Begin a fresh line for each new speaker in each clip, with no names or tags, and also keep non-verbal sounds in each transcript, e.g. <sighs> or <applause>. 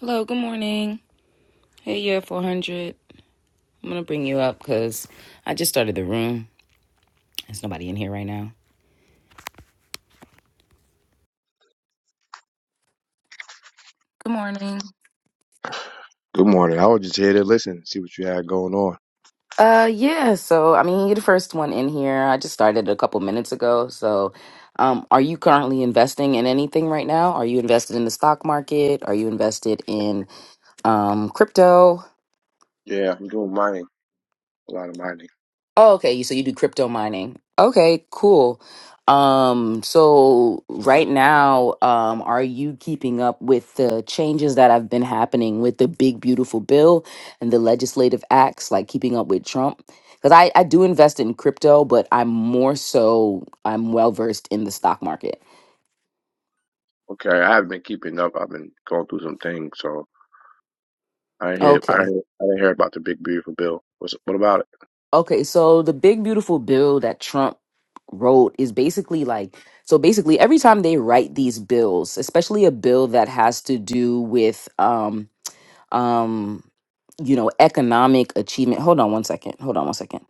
Hello, good morning. Hey, yeah, 400. I'm going to bring you up because I just started the room. There's nobody in here right now. Good morning.
Good morning. I was just here to listen, see what you had going on.
Uh, yeah, so I mean, you're the first one in here. I just started a couple minutes ago. So, um, are you currently investing in anything right now? Are you invested in the stock market? Are you invested in um, crypto?
Yeah, I'm doing mining, a lot of mining.
Oh, okay. So you do crypto mining. Okay, cool. Um, so right now, um, are you keeping up with the changes that have been happening with the big beautiful bill and the legislative acts, like keeping up with Trump? Because I, I do invest in crypto, but I'm more so I'm well versed in the stock market.
Okay, I haven't been keeping up. I've been going through some things, so I didn't hear. I
Okay.
didn't, I didn't hear about the big beautiful bill. What's what about it?
Okay, so the big beautiful bill that Trump wrote is basically like so basically every time they write these bills, especially a bill that has to do with um um you know economic achievement. Hold on one second. Hold on one second.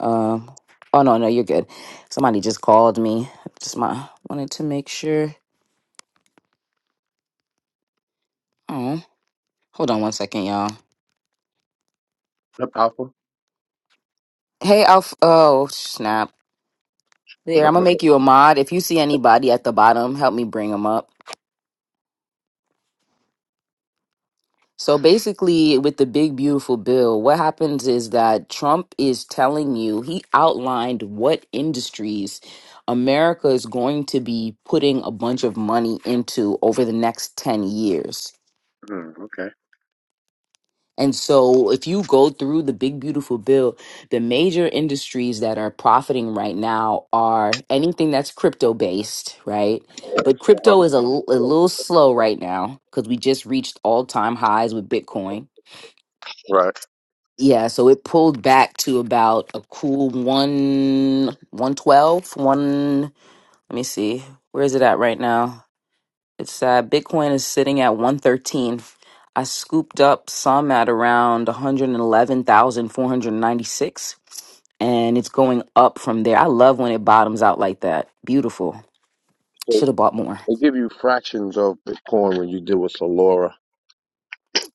Um oh no, no, you're good. Somebody just called me. Just my wanted to make sure. Oh, hold on one second, y'all.
What up, Alpha?
Hey, Alf oh snap. There, I'm gonna make
<laughs>
you a mod. If you see anybody at the bottom, help me bring them up. So basically, with the big, beautiful bill, what happens is that Trump is telling you, he outlined what industries America is going to be putting a bunch of money into over the next 10 years.
Hmm, okay.
And so, if you go through the big, beautiful bill, the major industries that are profiting right now are anything that's crypto based, right? But
Uh,
crypto is a, l- a little slow right now because we just reached all time highs with Bitcoin
Right.
Yeah, so it pulled back to about a cool one one twelve, one let me see. Where is it at right now? It's uh Bitcoin is sitting at one thirteen. I scooped up some at around 111,496 and it's going up from there. I love when it bottoms out like that. Beautiful.
So
Should have bought more.
they give you fractions of Bitcoin when you deal with Solora.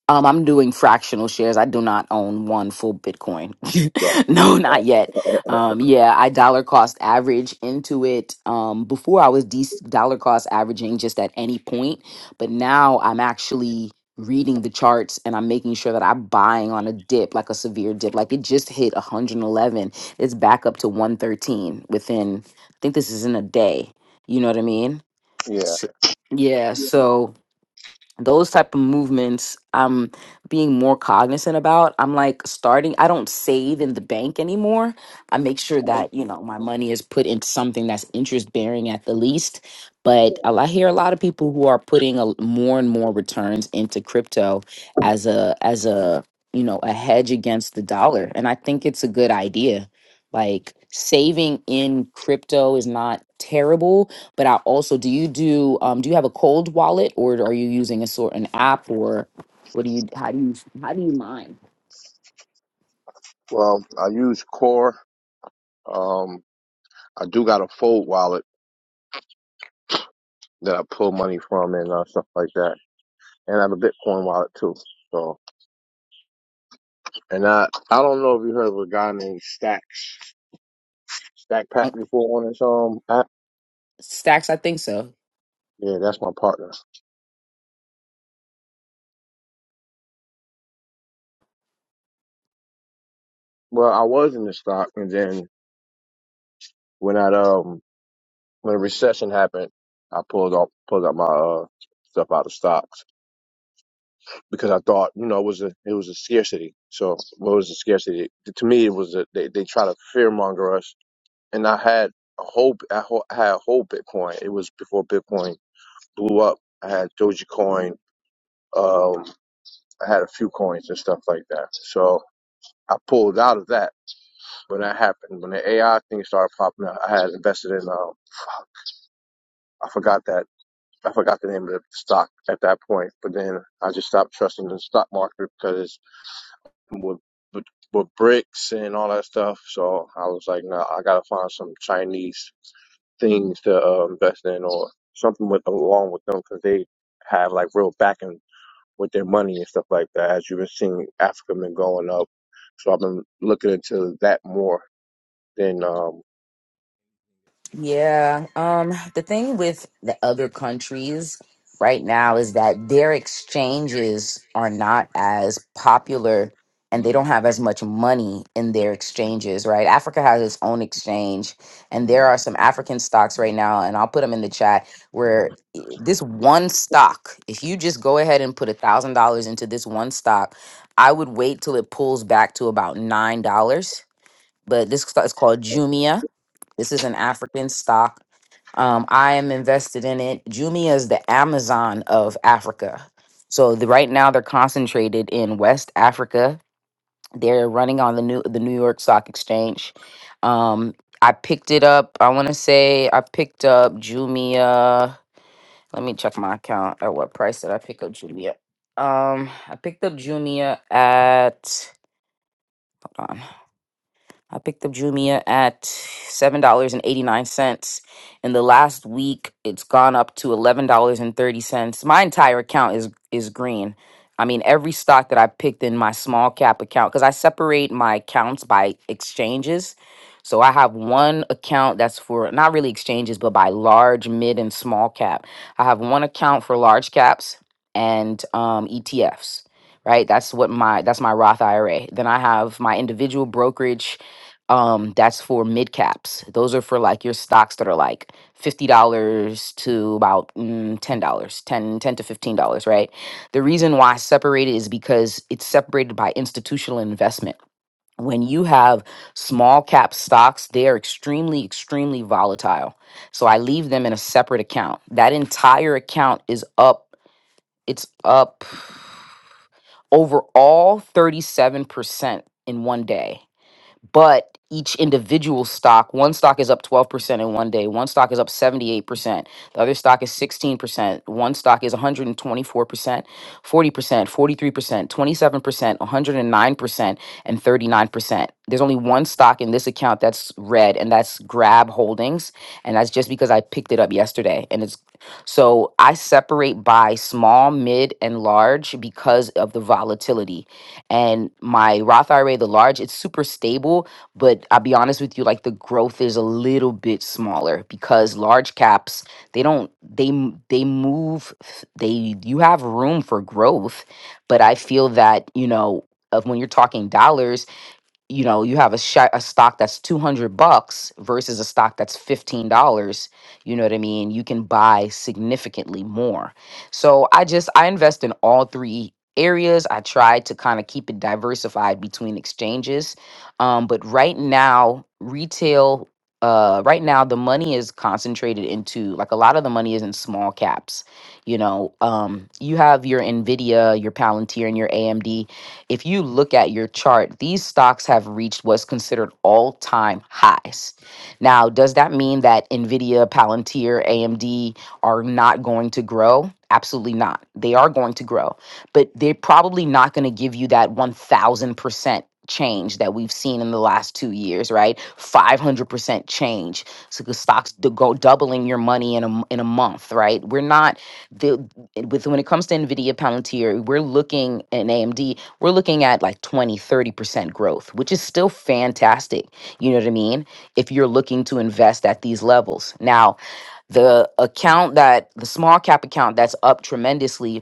Um, I'm doing fractional shares. I do not own one full Bitcoin.
Yeah.
<laughs> no, not yet. Um, yeah, I dollar cost average into it. Um, before I was de- dollar cost averaging just at any point, but now I'm actually reading the charts and I'm making sure that I'm buying on a dip, like a severe dip. Like it just hit 111. It's back up to 113 within, I think this is in a day. You know what I mean?
Yeah.
So, yeah. So, those type of movements i'm being more cognizant about i'm like starting i don't save in the bank anymore i make sure that you know my money is put into something that's interest bearing at the least but a lot- i hear a lot of people who are putting a, more and more returns into crypto as a as a you know a hedge against the dollar and i think it's a good idea like saving in crypto is not terrible but I also do you do um do you have a cold wallet or are you using a sort an app or what do you how do you how do you mine?
Well, I use Core. Um, I do got a Fold wallet that I pull money from and uh, stuff like that. and I have a Bitcoin wallet too. So, and I I don't know if you heard of a guy named Stacks Stack Pack
Uh,
before on his um app.
Stacks, I think so.
Yeah, that's my partner. Well, I was in the stock, and then when I um when the recession happened, I pulled off pulled out my uh stuff out of stocks because I thought you know it was a it was a scarcity. So what was the scarcity to me? It was a, they they try to fear monger us, and I had a whole I ho- I had a whole Bitcoin. It was before Bitcoin blew up. I had Dogecoin. Um, I had a few coins and stuff like that. So I pulled out of that when that happened. When the AI thing started popping up, I had invested in, um, I forgot that, I forgot the name of the stock at that point, but then I just stopped trusting the stock market because it's with, with, with bricks and all that stuff. So I was like, nah, I gotta find some Chinese things to uh, invest in or something with along with them because they have like real backing with their money and stuff like that. As you've been seeing, Africa been going up, so I've been looking into that more than um.
Yeah. Um, the thing with the other countries right now is that their exchanges are not as popular and they don't have as much money in their exchanges, right? Africa has its own exchange, and there are some African stocks right now, and I'll put them in the chat where i- this one stock, if you just go ahead and put a thousand dollars into this one stock, I would wait till it pulls back to about nine dollars. But this stock is called Jumia. This is an African stock um, I am invested in it. Jumia is the Amazon of Africa. So the, right now they're concentrated in West Africa. They're running on the new the New York Stock Exchange. Um, I picked it up. I want to say I picked up Jumia. Let me check my account. At what price did I pick up Jumia? Um, I picked up Jumia at. Hold on. I picked up Jumia at $7.89. In the last week, it's gone up to $11.30. My entire account is is green. I mean, every stock that I picked in my small cap account cuz I separate my accounts by exchanges. So I have one account that's for not really exchanges, but by large, mid and small cap. I have one account for large caps and um ETFs, right? That's what my that's my Roth IRA. Then I have my individual brokerage um that's for mid caps those are for like your stocks that are like $50 to about mm, $10 10 10 to $15 right the reason why I separate it is because it's separated by institutional investment when you have small cap stocks they are extremely extremely volatile so i leave them in a separate account that entire account is up it's up overall 37% in one day but each individual stock one stock is up 12% in one day one stock is up 78% the other stock is 16% one stock is 124% 40% 43% 27% 109% and 39% there's only one stock in this account that's red and that's grab holdings and that's just because i picked it up yesterday and it's so i separate by small mid and large because of the volatility and my Roth IRA, the large, it's super stable, but I'll be honest with you, like the growth is a little bit smaller because large caps, they don't they m- they move f- they you have room for growth, but I feel that, you know, of when you're talking dollars you know you have a, sh- a stock that's 200 bucks versus a stock that's $15 you know what i mean you can buy significantly more so i just i invest in all three areas i try to kind of keep it diversified between exchanges um, but right now retail uh, right now the money is concentrated into like a lot of the money is in small caps you know um, you have your nvidia your palantir and your amd if you look at your chart, these stocks have reached what's considered all time highs. Now, does that mean that NVIDIA, Palantir, AMD are not going to grow? Absolutely not. They are going to grow, but they're probably not going to give you that 1000% change that we've seen in the last two years, right? 500% change. So the stocks to go doubling your money in a, m- in a month, right? We're not, the, with when it comes to NVIDIA, Palantir, we're looking at AMD, we're looking at like twenty, thirty percent growth which is still fantastic you know what i mean if you're looking to invest at these levels now the account that the small cap account that's up tremendously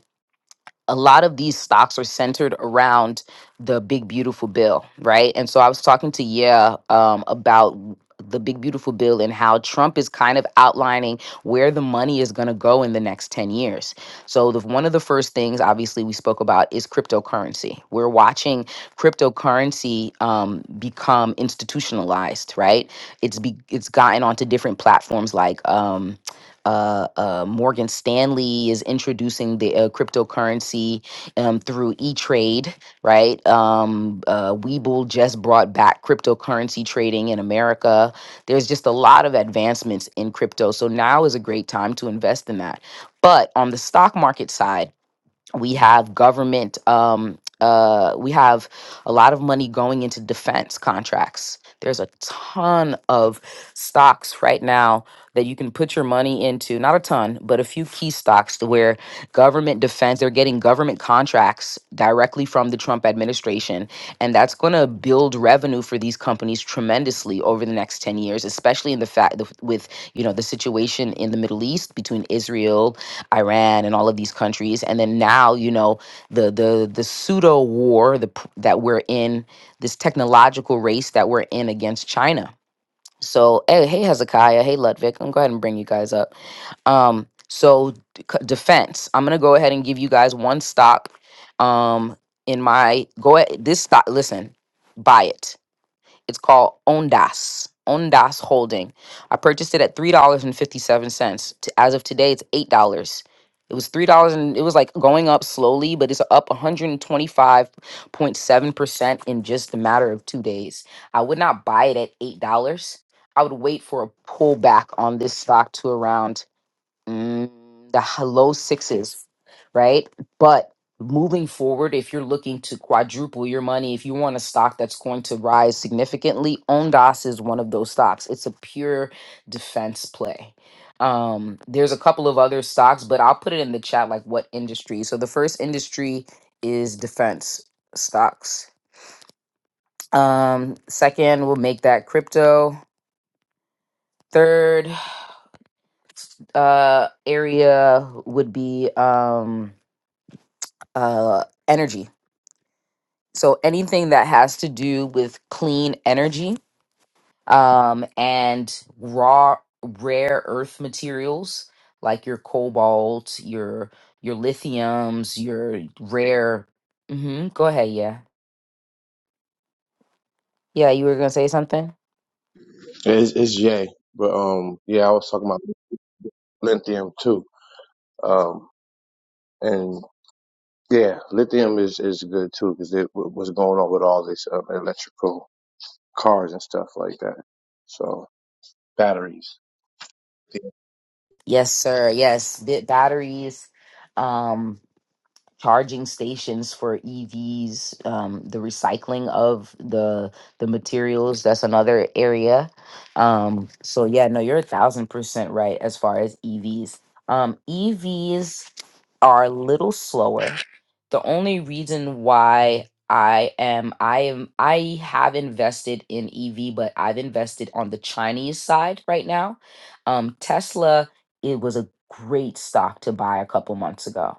a lot of these stocks are centered around the big beautiful bill, right? And so I was talking to yeah um, about w- the big beautiful bill and how Trump is kind of outlining where the money is going to go in the next 10 years. So the one of the first things obviously we spoke about is cryptocurrency. We're watching cryptocurrency um, become institutionalized, right? It's be, it's gotten onto different platforms like Um, uh, uh, Morgan Stanley is introducing the uh, cryptocurrency um, through E Trade, right? Um, uh, Webull just brought back cryptocurrency trading in America. There's just a lot of advancements in crypto. So now is a great time to invest in that. But on the stock market side, we have government um uh we have a lot of money going into defense contracts there's a ton of stocks right now that you can put your money into not a ton but a few key stocks to where government defense they're getting government contracts directly from the Trump administration and that's going to build revenue for these companies tremendously over the next 10 years especially in the fact with you know the situation in the Middle East between Israel Iran and all of these countries, and then now you know the the the pseudo war the, p- that we're in, this technological race that we're in against China. So hey, hey Hezekiah, hey Ludwig, I'm gonna go ahead and bring you guys up. Um, so d- c- defense, I'm gonna go ahead and give you guys one stock. Um, in my go ahead, this stock. Listen, buy it it's called Ondas. Ondas Holding. I purchased it at three dollars and fifty seven cents. As of today, it's eight dollars. It was three dollars and it was like going up slowly, but it's up one hundred and twenty five point seven percent in just a matter of two days. I would not buy it at eight dollars. I would wait for a pullback on this stock to around mm, the h- low sixes, right? But moving forward, if you're looking to quadruple your money, if you want a stock that's going to rise significantly, Ondas is one of those stocks. It's a pure defense play. Um, there's a couple of other stocks, but I'll put it in the chat like what industry. So the first industry is defense stocks. Um, second, we'll make that crypto. Third uh area would be um uh, energy. So anything that has to do with clean energy um, and raw rare earth materials like your cobalt, your your lithiums, your rare. hmm Go ahead, yeah, yeah. You were gonna say something?
It's, it's yay, but um, yeah, I was talking about lithium too. Um, and yeah, lithium is is good too because it w- was going on with all this um, electrical cars and stuff like that. So batteries. <laughs>
Yes, sir. Yes, the batteries. Um, charging stations for EVs, um, the recycling of the the materials. That's another area. Um, so yeah, no, you're a thousand percent right as far as EVs. Um, EVs are a little slower. The only reason why I am I am I have invested in EV, but I've invested on the Chinese side right now. Um, Tesla, it was a great stock to buy a couple months ago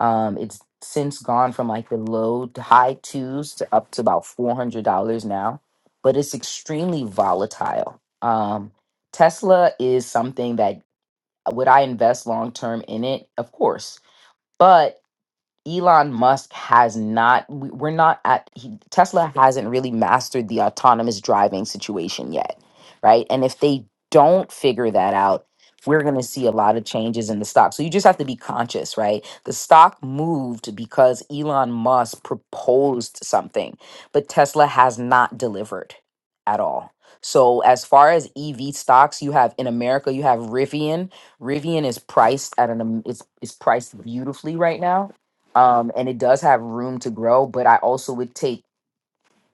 um, it's since gone from like the low to high twos to up to about four hundred dollars now, but it's extremely volatile. Um, Tesla is something that uh, would I invest long term in it? Of course, but Elon Musk has not, we- we're not at, he, Tesla hasn't really mastered the autonomous driving situation yet, right? And if they don't figure that out, we're going to see a lot of changes in the stock. So you just have to be conscious, right? The stock moved because Elon Musk proposed something, but Tesla has not delivered at all. So as far as EV stocks, you have in America, you have Rivian. Rivian is priced at an am- it's, it's priced beautifully right now um, and it does have room to grow. But I also would take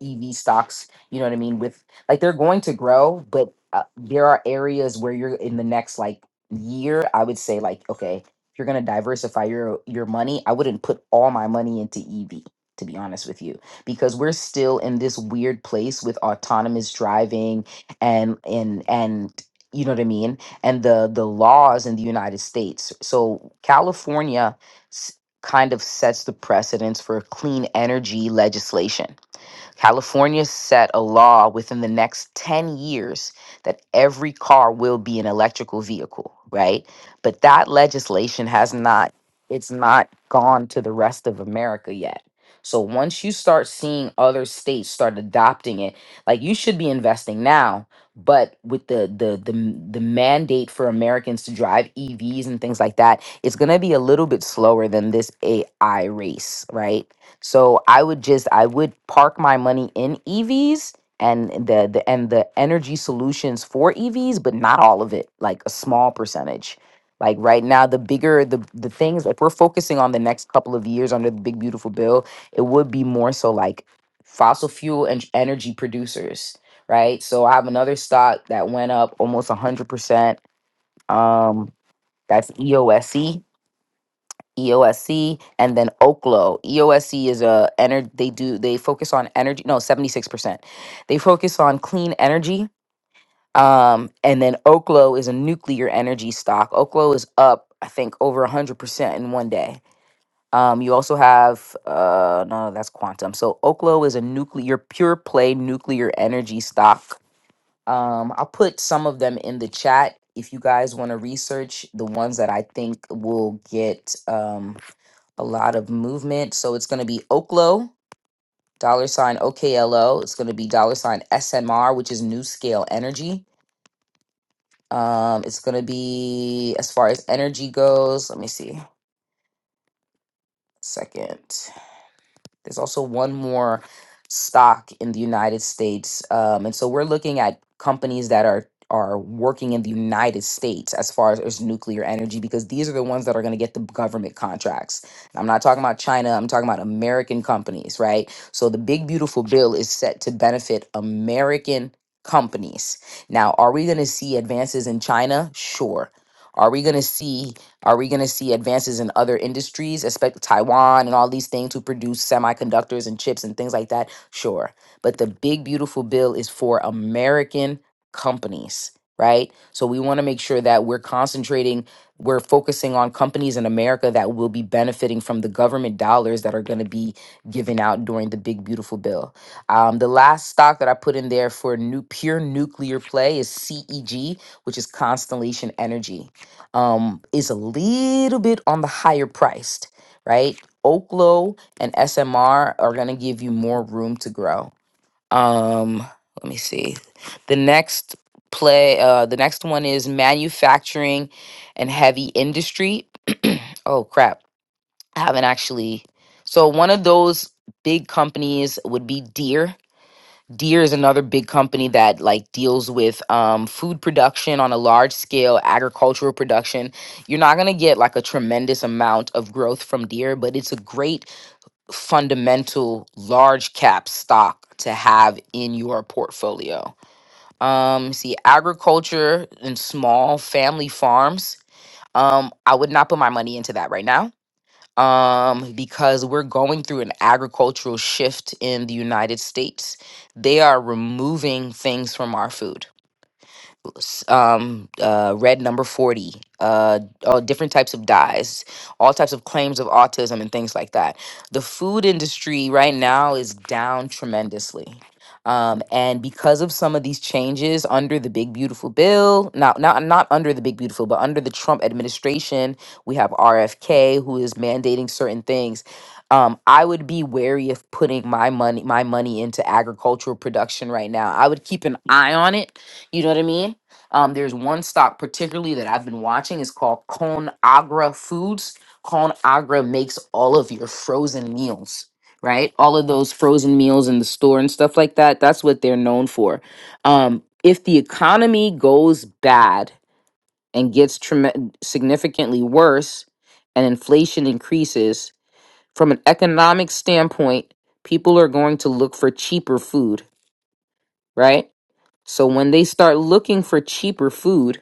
EV stocks, you know what I mean? With like they're going to grow, but uh, there are areas where you're in the next like year, I would say like okay, if you're going to diversify your your money, I wouldn't put all my money into EV to be honest with you because we're still in this weird place with autonomous driving and and and you know what I mean? And the the laws in the United States. So California s- kind of sets the precedence for clean energy legislation California set a law within the next 10 years that every car will be an electrical vehicle, right? But that legislation has not it's not gone to the rest of America yet. So once you start seeing other states start adopting it, like you should be investing now, but with the the the m- the mandate for Americans to drive EVs and things like that, it's going to be a little bit slower than this AI race, right? So I would just I would park my money in EVs and the, the and the energy solutions for EVs, but not all of it, like a small percentage. Like right now, the bigger the the things like we're focusing on the next couple of years under the big beautiful bill, it would be more so like fossil fuel and sh- energy producers, right? So I have another stock that went up almost hundred percent. Um, that's EOSE EOSC and then Oklo. EOSC is a energy they do they focus on energy no 76%. They focus on clean energy um and then Oklo is a nuclear energy stock. Oklo is up I think over 100% in one day. Um you also have uh no no, that's Quantum. So Oklo is a nuclear pure play nuclear energy stock. Um I'll put some of them in the chat if you guys want to research the ones that I think will get um a lot of movement. So it's going to be Oklo, dollar sign OKLO. It's going to be dollar sign SMR, which is New Scale Energy. Um, it's going to be, as far as energy goes, let me see. Second. There's also one more stock in the United States, um, and so we're looking at companies that are are working in the United States as far as, as nuclear energy because these are the ones that are going to get the government contracts. And I'm not talking about China. I'm talking about American companies, right? So the Big Beautiful Bill is set to benefit American companies. Now, are we going to see advances in China? Sure. Are we going to see are we going to see advances in other industries, expect Taiwan and all these things who produce semiconductors and chips and things like that? Sure. But the big, beautiful bill is for American companies, right? So we want to make sure that we're concentrating, we're focusing on companies in America that will be benefiting from the government dollars that are going to be given out during the big, beautiful bill. Um, the last stock that I put in there for new, pure nuclear play is CEG, which is Constellation Energy um, is a little bit on the higher priced, right? Oklo and SMR are going to give you more room to grow. Um, let me see. The next play, uh, the next one is manufacturing and heavy industry. <clears throat> oh, crap. I haven't actually. So, one of those big companies would be Deere Deere is another big company that like deals with um, food production on a large scale, agricultural production. You're not gonna get like a tremendous amount of growth from Deere, but it's a great fundamental large cap stock to have in your portfolio. Um, see, agriculture and small family farms. Um, I would not put my money into that right now um, because we're going through an agricultural shift in the United States. They are removing things from our food s- um, uh, read number 40, uh, all different types of dyes, all types of claims of autism and things like that. The food industry right now is down tremendously. Um, and because of some of these changes under the big beautiful bill, not not not under the big beautiful, but under the Trump administration, we have RFK who is mandating certain things. Um, I would be wary of putting my money my money into agricultural production right now. I would keep an eye on it. You know what I mean? Um, there's one stock particularly that I've been watching. It's called Conagra Foods. Conagra makes all of your frozen meals, right? All of those frozen meals in the store and stuff like that. That's what they're known for. Um, if the economy goes bad and gets trem- significantly worse, and inflation increases, from an economic standpoint, people are going to look for cheaper food, right? So when they start looking for cheaper food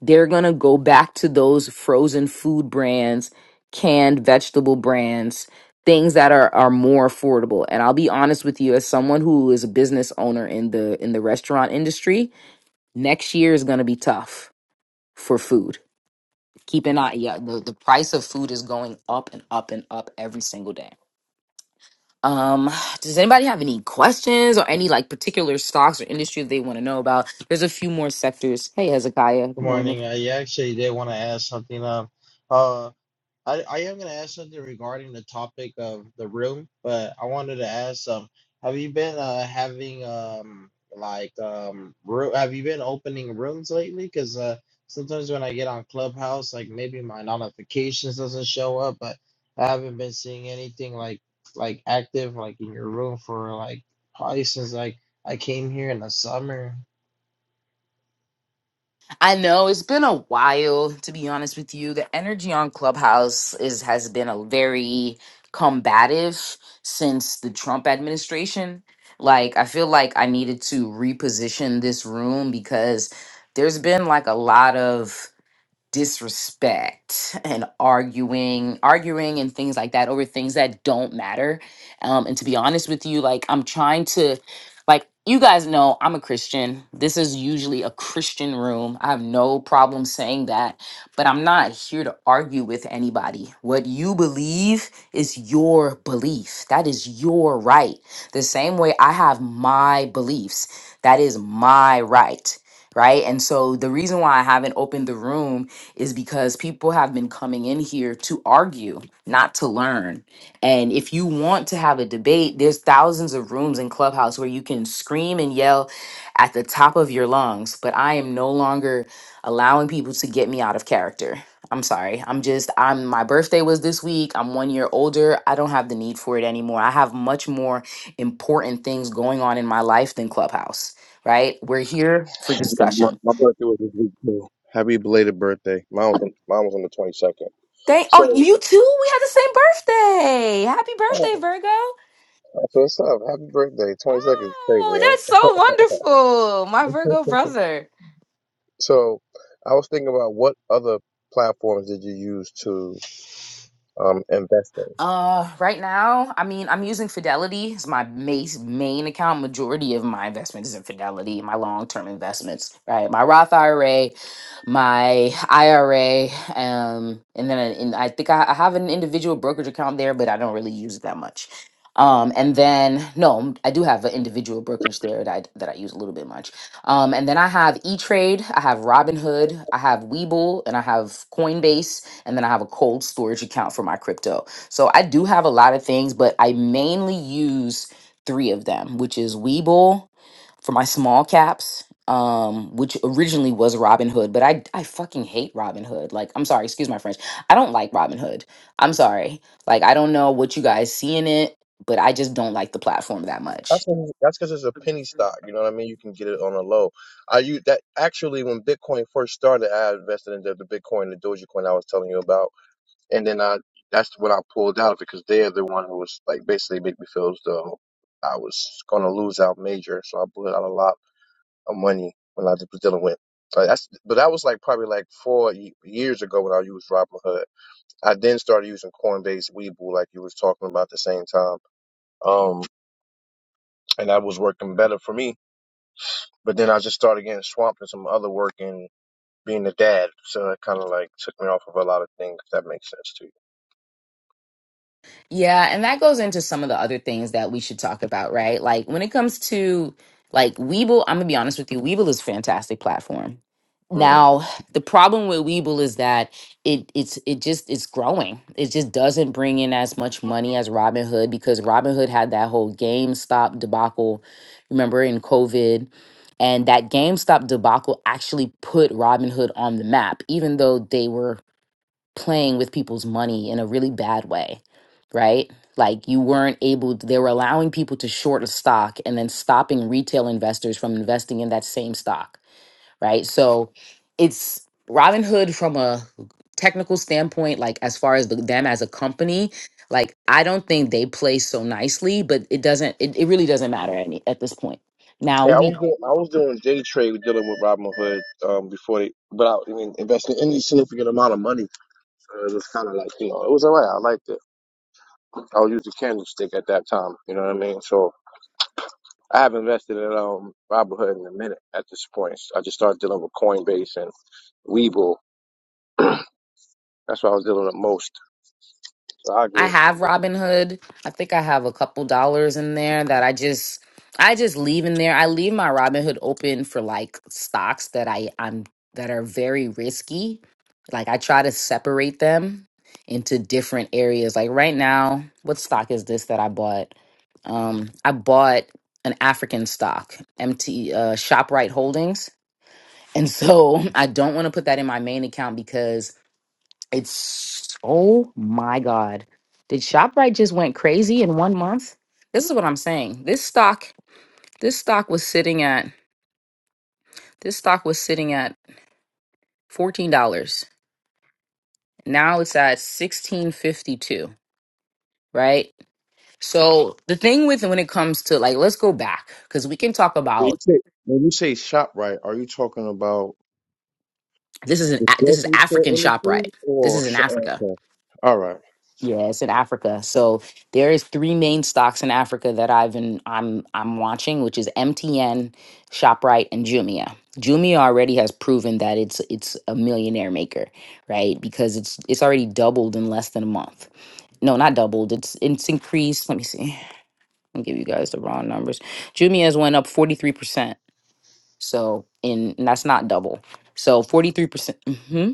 they're going to go back to those frozen food brands, canned vegetable brands, things that are are more affordable. And I'll be honest with you as someone who is a business owner in the in the restaurant industry, next year is going to be tough for food. Keep an eye yeah, the, the price of food is going up and up and up every single day. Um, does anybody have any questions or any like particular stocks or industry they want to know about? There's a few more sectors. Hey, Hezekiah, good
Good
morning
morning. I actually did want to ask something. Um, uh, I, I am going to ask something regarding the topic of the room, but I wanted to ask, um, have you been uh, having um like um ro- have you been opening rooms lately? Because uh, sometimes when I get on Clubhouse, like maybe my notifications doesn't show up, but I haven't been seeing anything like like active like in your room for like probably since like I came here in the summer.
I know it's been a while to be honest with you. The energy on Clubhouse is has been a very combative since the Trump administration. Like I feel like I needed to reposition this room because there's been like a lot of disrespect and arguing arguing and things like that over things that don't matter um and to be honest with you like i'm trying to like you guys know i'm a christian this is usually a christian room i have no problem saying that but i'm not here to argue with anybody what you believe is your belief that is your right the same way i have my beliefs that is my right right and so the reason why i haven't opened the room is because people have been coming in here to argue, not to learn. And if you want to have a debate, there's thousands of rooms in Clubhouse where you can scream and yell at the top of your lungs, but I am no longer allowing people to get me out of character. I'm sorry. I'm just I'm my birthday was this week. I'm 1 year older. I don't have the need for it anymore. I have much more important things going on in my life than Clubhouse, right? We're here for
My,
discussion.
my birthday was this week too. Happy belated birthday. Mine was mine was on the twenty second.
Thank oh
So.
you too. We had the same birthday. Happy
Oh,
birthday, Virgo.
that's what's up. Happy birthday. 20 seconds,
Oh,
favor, right?
that's so wonderful. My Virgo brother.
So I was thinking about what other platforms did you use to um, invest in?
Uh, right now, I mean, I'm using Fidelity as my main main account. Majority of my investments is in Fidelity, my long term investments, right? My Roth IRA, my IRA, um, and then I, and I think I, I have an individual brokerage account there, but I don't really use it that much. Um, and then no, I do have an individual brokerage there that I, that I use a little bit much. Um, and then I have E Trade, I have Robinhood, I have Webull, and I have Coinbase, and then I have a cold storage account for my crypto. So I do have a lot of things, but I mainly use three of them, which is Weeble for my small caps, um, which originally was Robinhood, but I I fucking hate Robinhood. Like, I'm sorry, excuse my French. I don't like Robinhood. I'm sorry. Like, I don't know what you guys see in it, but I just don't like the platform that much.
That's 'cause- that's because it's a penny stock. You know what I mean? You can get it on a low. I use that actually when Bitcoin first started. I invested in the, the Bitcoin, the Dogecoin I was telling you about, and then I that's when I pulled out because they're the one who was like basically make me feel as though I was gonna lose out major. So I pulled out a lot of money when I was dealing with. But that's but that was like probably like four ye- years ago when I used Robinhood. I then started using Coinbase, Webull, like you was talking about at the same time. Um, and that was working better for me. But then I just started getting swamped in some other work and being a dad, so it kind of like took me off of a lot of things. If that makes sense to you.
Yeah, and that goes into some of the other things that we should talk about, right? Like when it comes to like Weeble, I'm gonna be honest with you, Weeble is a fantastic platform.
hmm
Now, the problem with Weeble is that it it's it just it's growing. It just doesn't bring in as much money as Robinhood because Robinhood had that whole GameStop debacle, remember in COVID. And that GameStop debacle actually put Robinhood on the map, even though they were playing with people's money in a really bad way, right? Like you weren't able, they were allowing people to short a stock and then stopping retail investors from investing in that same stock, right? So it's Robinhood from a technical standpoint, like as far as the, them as a company, like I don't think they play so nicely, but it doesn't, it, it really doesn't matter any, at this point. Now
Yeah, I
we
was doing I was doing day trade dealing with Robinhood um, before they, but I, I mean investing any significant amount of money. Uh, it was kind of like you know it was alright. I liked it. I was using candlestick at that time. You know what I mean? So I haven't invested in um Robinhood in a minute at this point. So I just started dealing with Coinbase and Webull. That's what I was dealing with most. So I
I
go
have Robinhood. I think I have a couple dollars in there that I just I just leave in there. I leave my Robinhood open for like stocks that I I'm that are very risky. Like I try to separate them into different areas. Like right now, what stock is this that I bought? Um I bought an African stock, MT uh ShopRite Holdings. And so <laughs> I don't want to put that in my main account because. It's oh my god. Did ShopRite just went crazy in one month? This is what I'm saying. This stock this stock was sitting at this stock was sitting at $14. Now it's at 1652, right? So the thing with when it comes to like let's go back cuz we can talk
When you
about
say, when you say shop right, are you talking about
this is an
the
A- this is
grocery store
African ShopRite.
industry
This
or
is in
shop?
Africa.
Okay. All right.
Yeah, it's in Africa. So there is three main stocks in Africa that I've been I'm I'm watching, which is MTN, ShopRite, and Jumia. Jumia already has proven that it's it's a millionaire maker, right? Because it's it's already doubled in less than a month. No, not doubled. It's it's increased. Let me see. I'll give you guys the raw numbers. Jumia has went up 43%. So in and that's not double. So 43%. hmm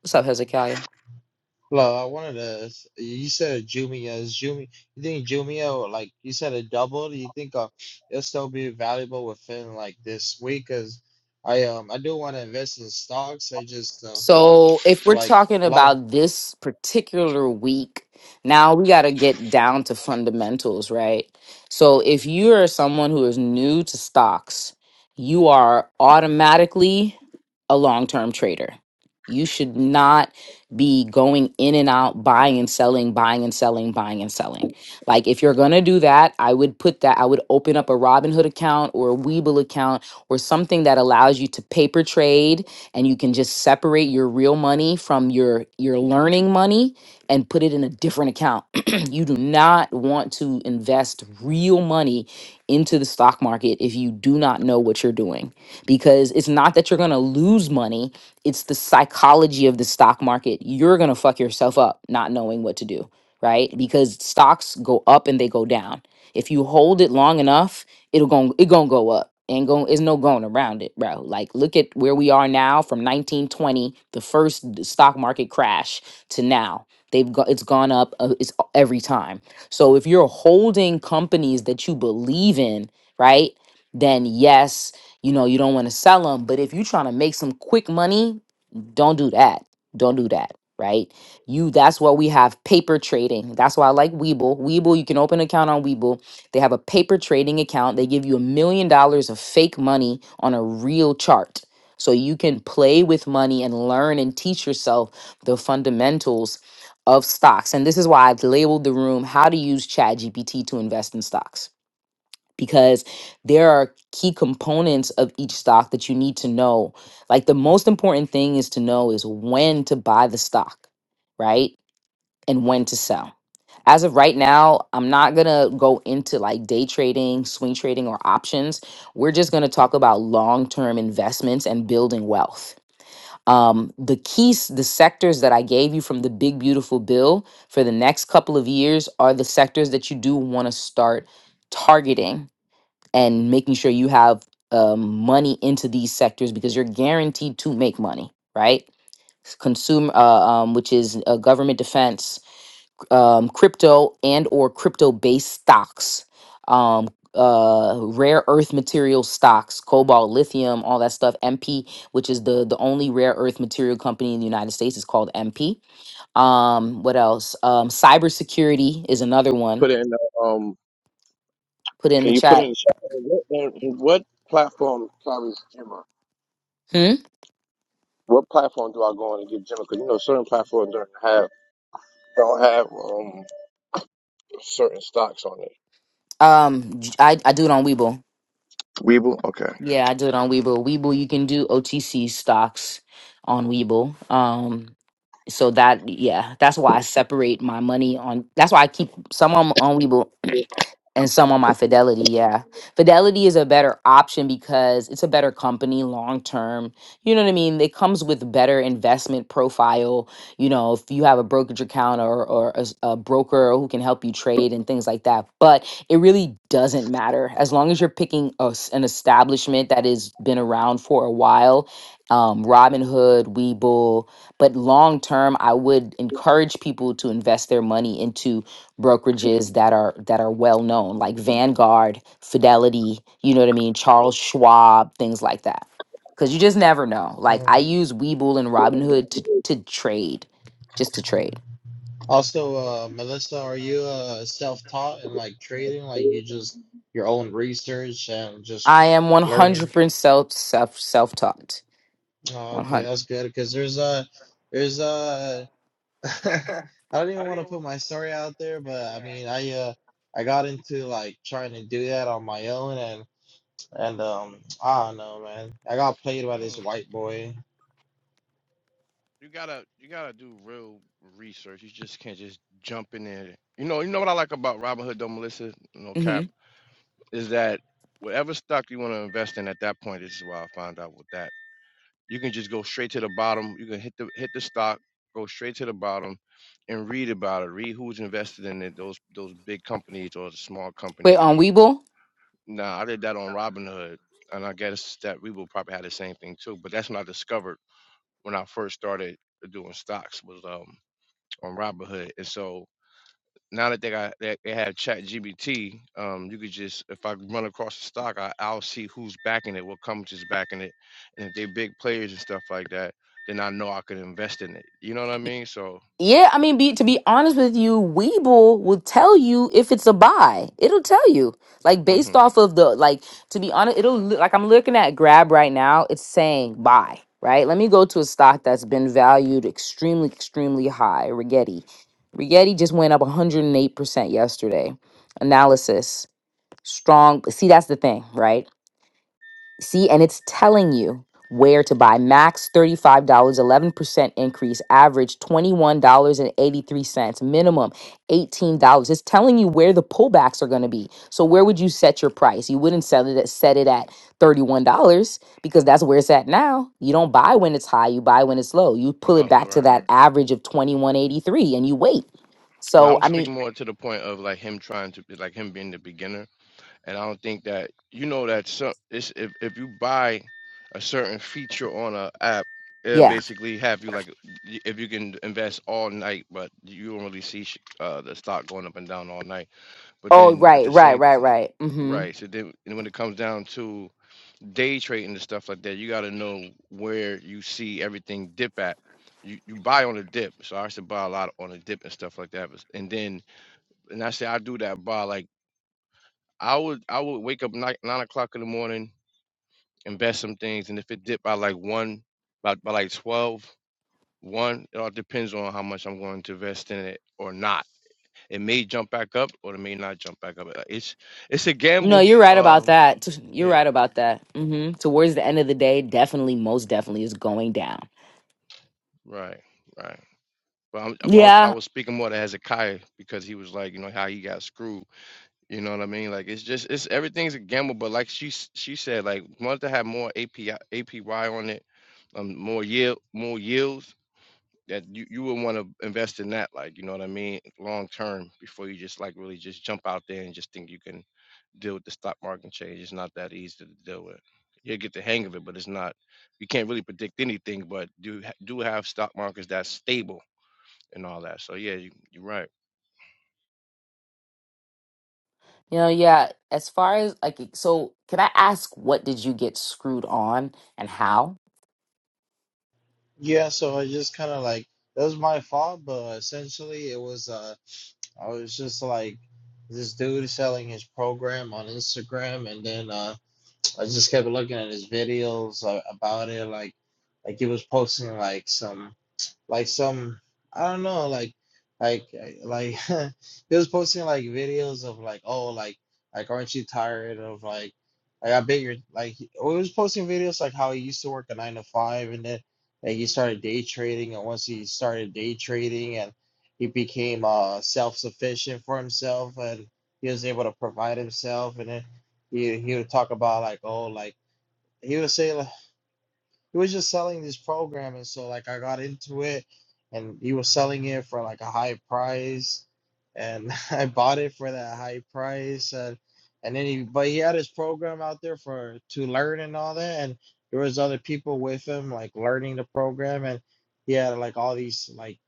What's up, Hezekiah?
Hello, I wanted to. s- You said Jumia is Jumia. You think Jumia, like you said, it doubled. Do you think uh, it'll still be valuable within like this week? Cause I um I do want to invest in stocks. I just uh,
So if we're
like
talking
long.
about this particular week, now we got to get down to fundamentals, right? So if you are someone who is new to stocks, you are automatically a long term trader. You should not be going in and out, buying and selling, buying and selling, buying and selling. Like, if you're going to do that, I would put that, I would open up a Robinhood account or a Webull account or something that allows you to paper trade and you can just separate your real money from your your learning money and put it in a different account. <clears throat> you do not want to invest real money into the stock market if you do not know what you're doing because it's not that you're going to lose money, it's the psychology of the stock market. You're going to fuck yourself up not knowing what to do, right? Because stocks go up and they go down. If you hold it long enough, it'll going it gonna go up and going it's no going around it bro like look at where we are now from 1920 the first d- stock market crash to now they've got it's gone up uh, it's a- every time so if you're holding companies that you believe in right then yes you know you don't want to sell them but if you're trying to make some quick money don't do that. Don't do that. Right? You that's why we have paper trading. That's why I like Weeble. Weeble, you can open an account on Weeble. They have a paper trading account. They give you a million dollars of fake money on a real chart. So you can play with money and learn and teach yourself the fundamentals of stocks. And this is why I've labeled the room how to use ChatGPT to invest in stocks because there are key components of each stock that you need to know. Like the most important thing is to know is when to buy the stock, right? And when to sell. As of right now, I'm not going to go into like day trading, swing trading, or options. We're just going to talk about long term investments and building wealth. Um, the keys, the sectors that I gave you from the big, beautiful bill for the next couple of years are the sectors that you do want to start targeting and making sure you have um, money into these sectors because you're guaranteed to make money, right? Consumer, uh, um, which is uh, government defense, um, crypto and or crypto based stocks, um, uh, rare earth material stocks, cobalt, lithium, all that stuff. MP, which is the the only rare earth material company in the United States, is called MP. Um, what else? Um, cybersecurity is another one.
Put in the um.
Put it in the
Can you put
chat.
in the chat? What, what platform carries Jimmer?
Hmm?
What platform do I go on to get Gemma? Because you know certain platforms don't have don't have um certain stocks on it.
Um, j- I, I do it on Weeble.
Weeble, okay.
Yeah, I do it on Webull. Webull, you can do OTC stocks on Webull. Um, so that yeah, that's why I separate my money on. That's why I keep some on on Webull and some on my Fidelity. Yeah. Fidelity is a better option because it's a better company long term. You know what I mean? It comes with better investment profile. You know, if you have a brokerage account or, or a, s- a broker who can help you trade and things like that. But it really doesn't matter as long as you're picking a s an establishment that has been around for a while. Um, Robinhood, Webull, but long term, I would encourage people to invest their money into brokerages that are that are well known like Vanguard, Fidelity, you know what I mean, Charles Schwab, things like that. Cuz you just never know. Like
Uh,
I use Webull and Robinhood to to trade, just to trade.
also, uh, Melissa, are you uh self-taught in like trading? Like you just your own research and just
I am
learning?
100% self self self-taught.
Oh, okay,
100.
that's good. Cause there's uh there's <laughs> I don't even want to put my story out there, but I mean, I uh, I got into like trying to do that on my own, and and um, I don't know, man. I got played by this
Mm,
white boy.
you gotta you gotta do real research. You just can't just jump in there. You know, you know what I like about Robinhood though, Melissa, no cap,
Mhm.
is that whatever stock you want to invest in at that point, this is why I found out with that. You can just go straight to the bottom. You can hit the hit the stock, go straight to the bottom and read about it. Read who's invested in it, those those big companies or the small
Wait,
company.
on Webull?
No, I did that on Robinhood, and I guess that we will probably have the same thing too. But that's when I discovered when I first started doing stocks was um on Robinhood, and so now that they got that they have Chat GBT, um, you could just if I run across the stock, I, I'll see who's backing it, what companies backing it, and if they big players and stuff like that, then I know I could invest in it. You know what I mean? So,
Yeah, I mean, be, to be honest with you, Weeble will tell you if it's a buy. It'll tell you, like based
mm-hmm.
off of the like. To be honest, it'll li- like I'm looking at Grab right now. It's saying buy. Right. Let me go to a stock that's been valued extremely, extremely high. Rigetti. Rigetti just went up 108 percent yesterday. Analysis strong. See, that's the thing, right? See, and it's telling you where to buy. Max $35, 11% increase, average $21.83, minimum $18. It's telling you where the pullbacks are going to be. So where would you set your price? You wouldn't set it at set it at $31 because that's where it's at now. You don't buy when it's high, you buy when it's low. You pull it
oh
back to
right.
that average of 21.83 and you wait.
Well, I
So
was
I mean,
speaking more to the point of like him trying to be like him being the beginner And I don't think that you know that some it's, if if you buy a certain feature on a app, it'll
yeah.
basically have you like y- if you can invest all night, but you don't really see sh- uh, the stock going up and down all night. But
Oh,
then at
right,
the
right,
same
right, right. Mhm.
right, so then and when it comes down to day trading and stuff like that, you got to know where you see everything dip at. You, you buy on a dip, so I used to buy a lot on a dip and stuff like that. but- And then, and I say I do that by like I would I would wake up nine, nine o'clock in the morning invest some things, and if it dipped by like one, by, by like twelve, one. it all depends on how much I'm going to invest in it or not. It may jump back up or it may not jump back up. Uh, It's it's a
No,
gamble.
you're right about
Um,
that. T- You're
yeah,
right about that. hmm Towards the end of the day, definitely, most definitely is going down.
right, right. But I'm, I was I
Yeah.
was speaking more to Hezekiah because he was like, you know, how he got screwed. You know what I mean? Like it's just it's everything's a gamble. But like she s- she said, like wanted to have more API on it, um, more yield, more yields that you, you would want to invest in that like you know what i mean long term before you just like really just jump out there and just think you can deal with the stock market change it's not that easy to deal with you'll get the hang of it but it's not you can't really predict anything but do ha- do have stock markets that's stable and all that so yeah you, you're right
You know, yeah. As far as like, so can I ask what did you get screwed on and how?
Yeah, so I just kind of like that was my fault, but essentially it was uh, I was just like this dude selling his program on Instagram, and then uh, I just kept looking at his videos uh, about it, like like he was posting like some. like some I don't know like like like <laughs> he was posting like videos of like oh like like aren't you tired of like like I bet you're like he he was posting videos like how he used to work a nine to five and then like he started day trading and once he started day trading and he became uh self sufficient for himself and he was able to provide himself and then he he would talk about like oh like he would say like he was just selling this program and so like i got into it and he was selling it for like a high price and <laughs> i bought it for that high price and and then he but he had his program out there for to learn and all that and there was other people with him like learning the program and he had like all these like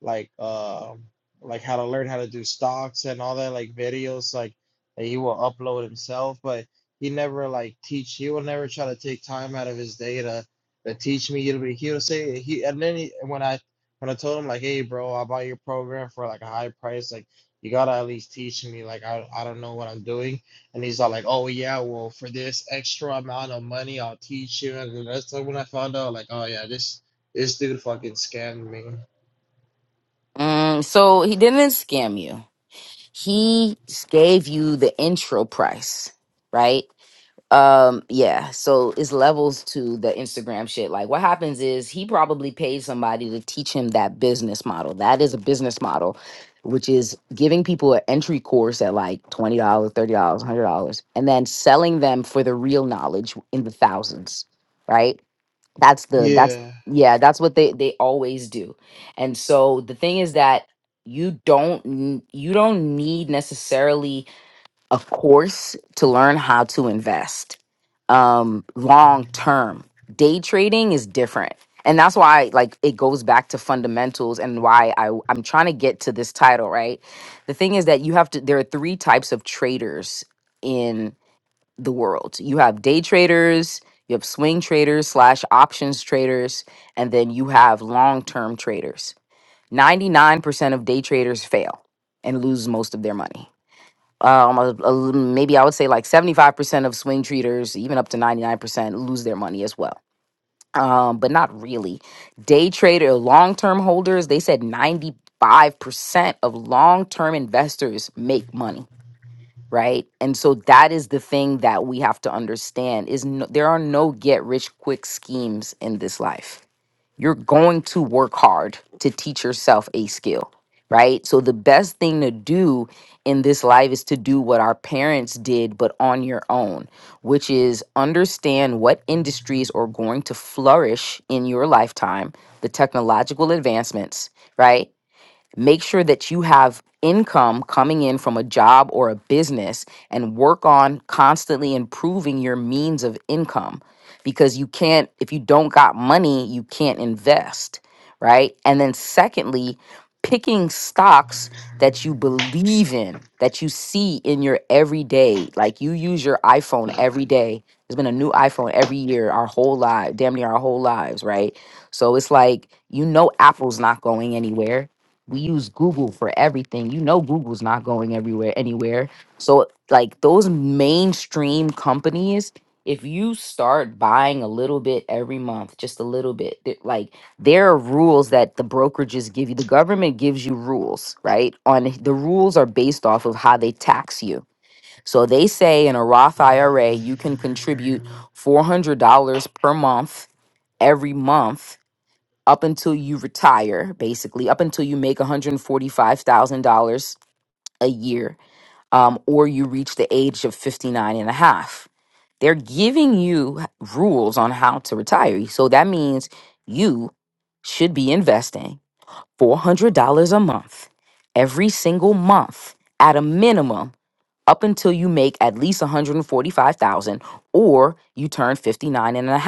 like um like how to learn how to do stocks and all that like videos like that he will upload himself but he never like teach he will never try to take time out of his day to that teach me. He'll be he'll say he and then he, when I when I told him like, hey bro, I bought your program for like a high price, like you gotta at least teach me. Like I I don't know what I'm doing, and he's all like, oh yeah, well for this extra amount of money, I'll teach you. And that's when I found out like, oh yeah, this this dude fucking scammed me.
Mm, so he didn't scam you. He s- gave you the intro price, right? Um, yeah, so it's levels to the Instagram shit. Like what happens is he probably paid somebody to teach him that business model. That is a business model, which is giving people an entry course at like $20, dollars, $30, $100, and then selling them for the real knowledge in the thousands, right? That's the that's
Yeah.
yeah, that's what they they always do. And so the thing is that you don't n- you don't need necessarily a course to learn how to invest um long term day trading is different and that's why like it goes back to fundamentals and why I, i'm trying to get to this title right the thing is that you have to there are three types of traders in the world you have day traders you have swing traders slash options traders and then you have long term traders 99% of day traders fail and lose most of their money um, a- a l- maybe I would say like 75% of swing traders, even up to 99%, lose their money as well. Um, but not really. Day trader, long term holders, they said 95% of long term investors make money. Right. And so that is the thing that we have to understand is no, there are no get rich quick schemes in this life you're going to work hard to teach yourself a skill, right? So the best thing to do in this life is to do what our parents did, but on your own, which is understand what industries are going to flourish in your lifetime, the technological advancements, right? Make sure that you have income coming in from a job or a business and work on constantly improving your means of income because you can't, if you don't got money, you can't invest, right? And then, secondly, picking stocks that you believe in, that you see in your everyday. Like you use your iPhone every day. There's been a new iPhone every year, our whole life, damn near our whole lives, right? So it's like you know Apple's not going anywhere we use Google for everything. You know, Google's not going everywhere, anywhere. So, like those mainstream companies, if you start buying a little bit every month, just a little bit, th- like there are rules that the brokerages give you. The government gives you rules, right? On the rules are based off of how they tax you. So they say in a Roth IRA, you can contribute $400 per month every month up until you retire, basically, up until you make $145,000 a year um, or you reach the age of 59 and a half. They're giving you h- rules on how to retire. So that means you should be investing $400 a month every single month at a minimum up until you make at least 145,000 or you turn 59 and a half,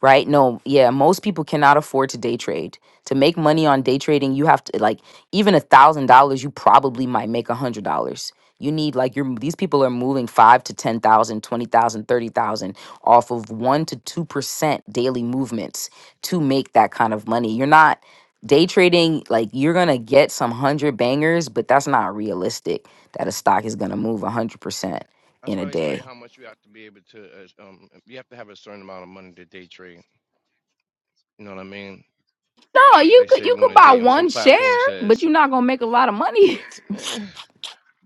Right? No, yeah, most people cannot afford to day trade. To make money on day trading, you have to like even a thousand dollars, you probably might make a hundred dollars. You need like your these people are moving five to ten thousand, twenty thousand, thirty thousand off of one to two percent daily movements to make that kind of money. You're not Day trading, like you're gonna get some hundred bangers, but that's not realistic that a stock is gonna move a hundred percent in
that's
a
why they tell
day.
you how much you have to be able to uh, um you have to have a certain amount of money to day trade you know what i mean
No, you
they
could
say you
you
want
could
to
buy
day on some
one share,
platform
but
says
you're not gonna make a lot of money.
<sighs>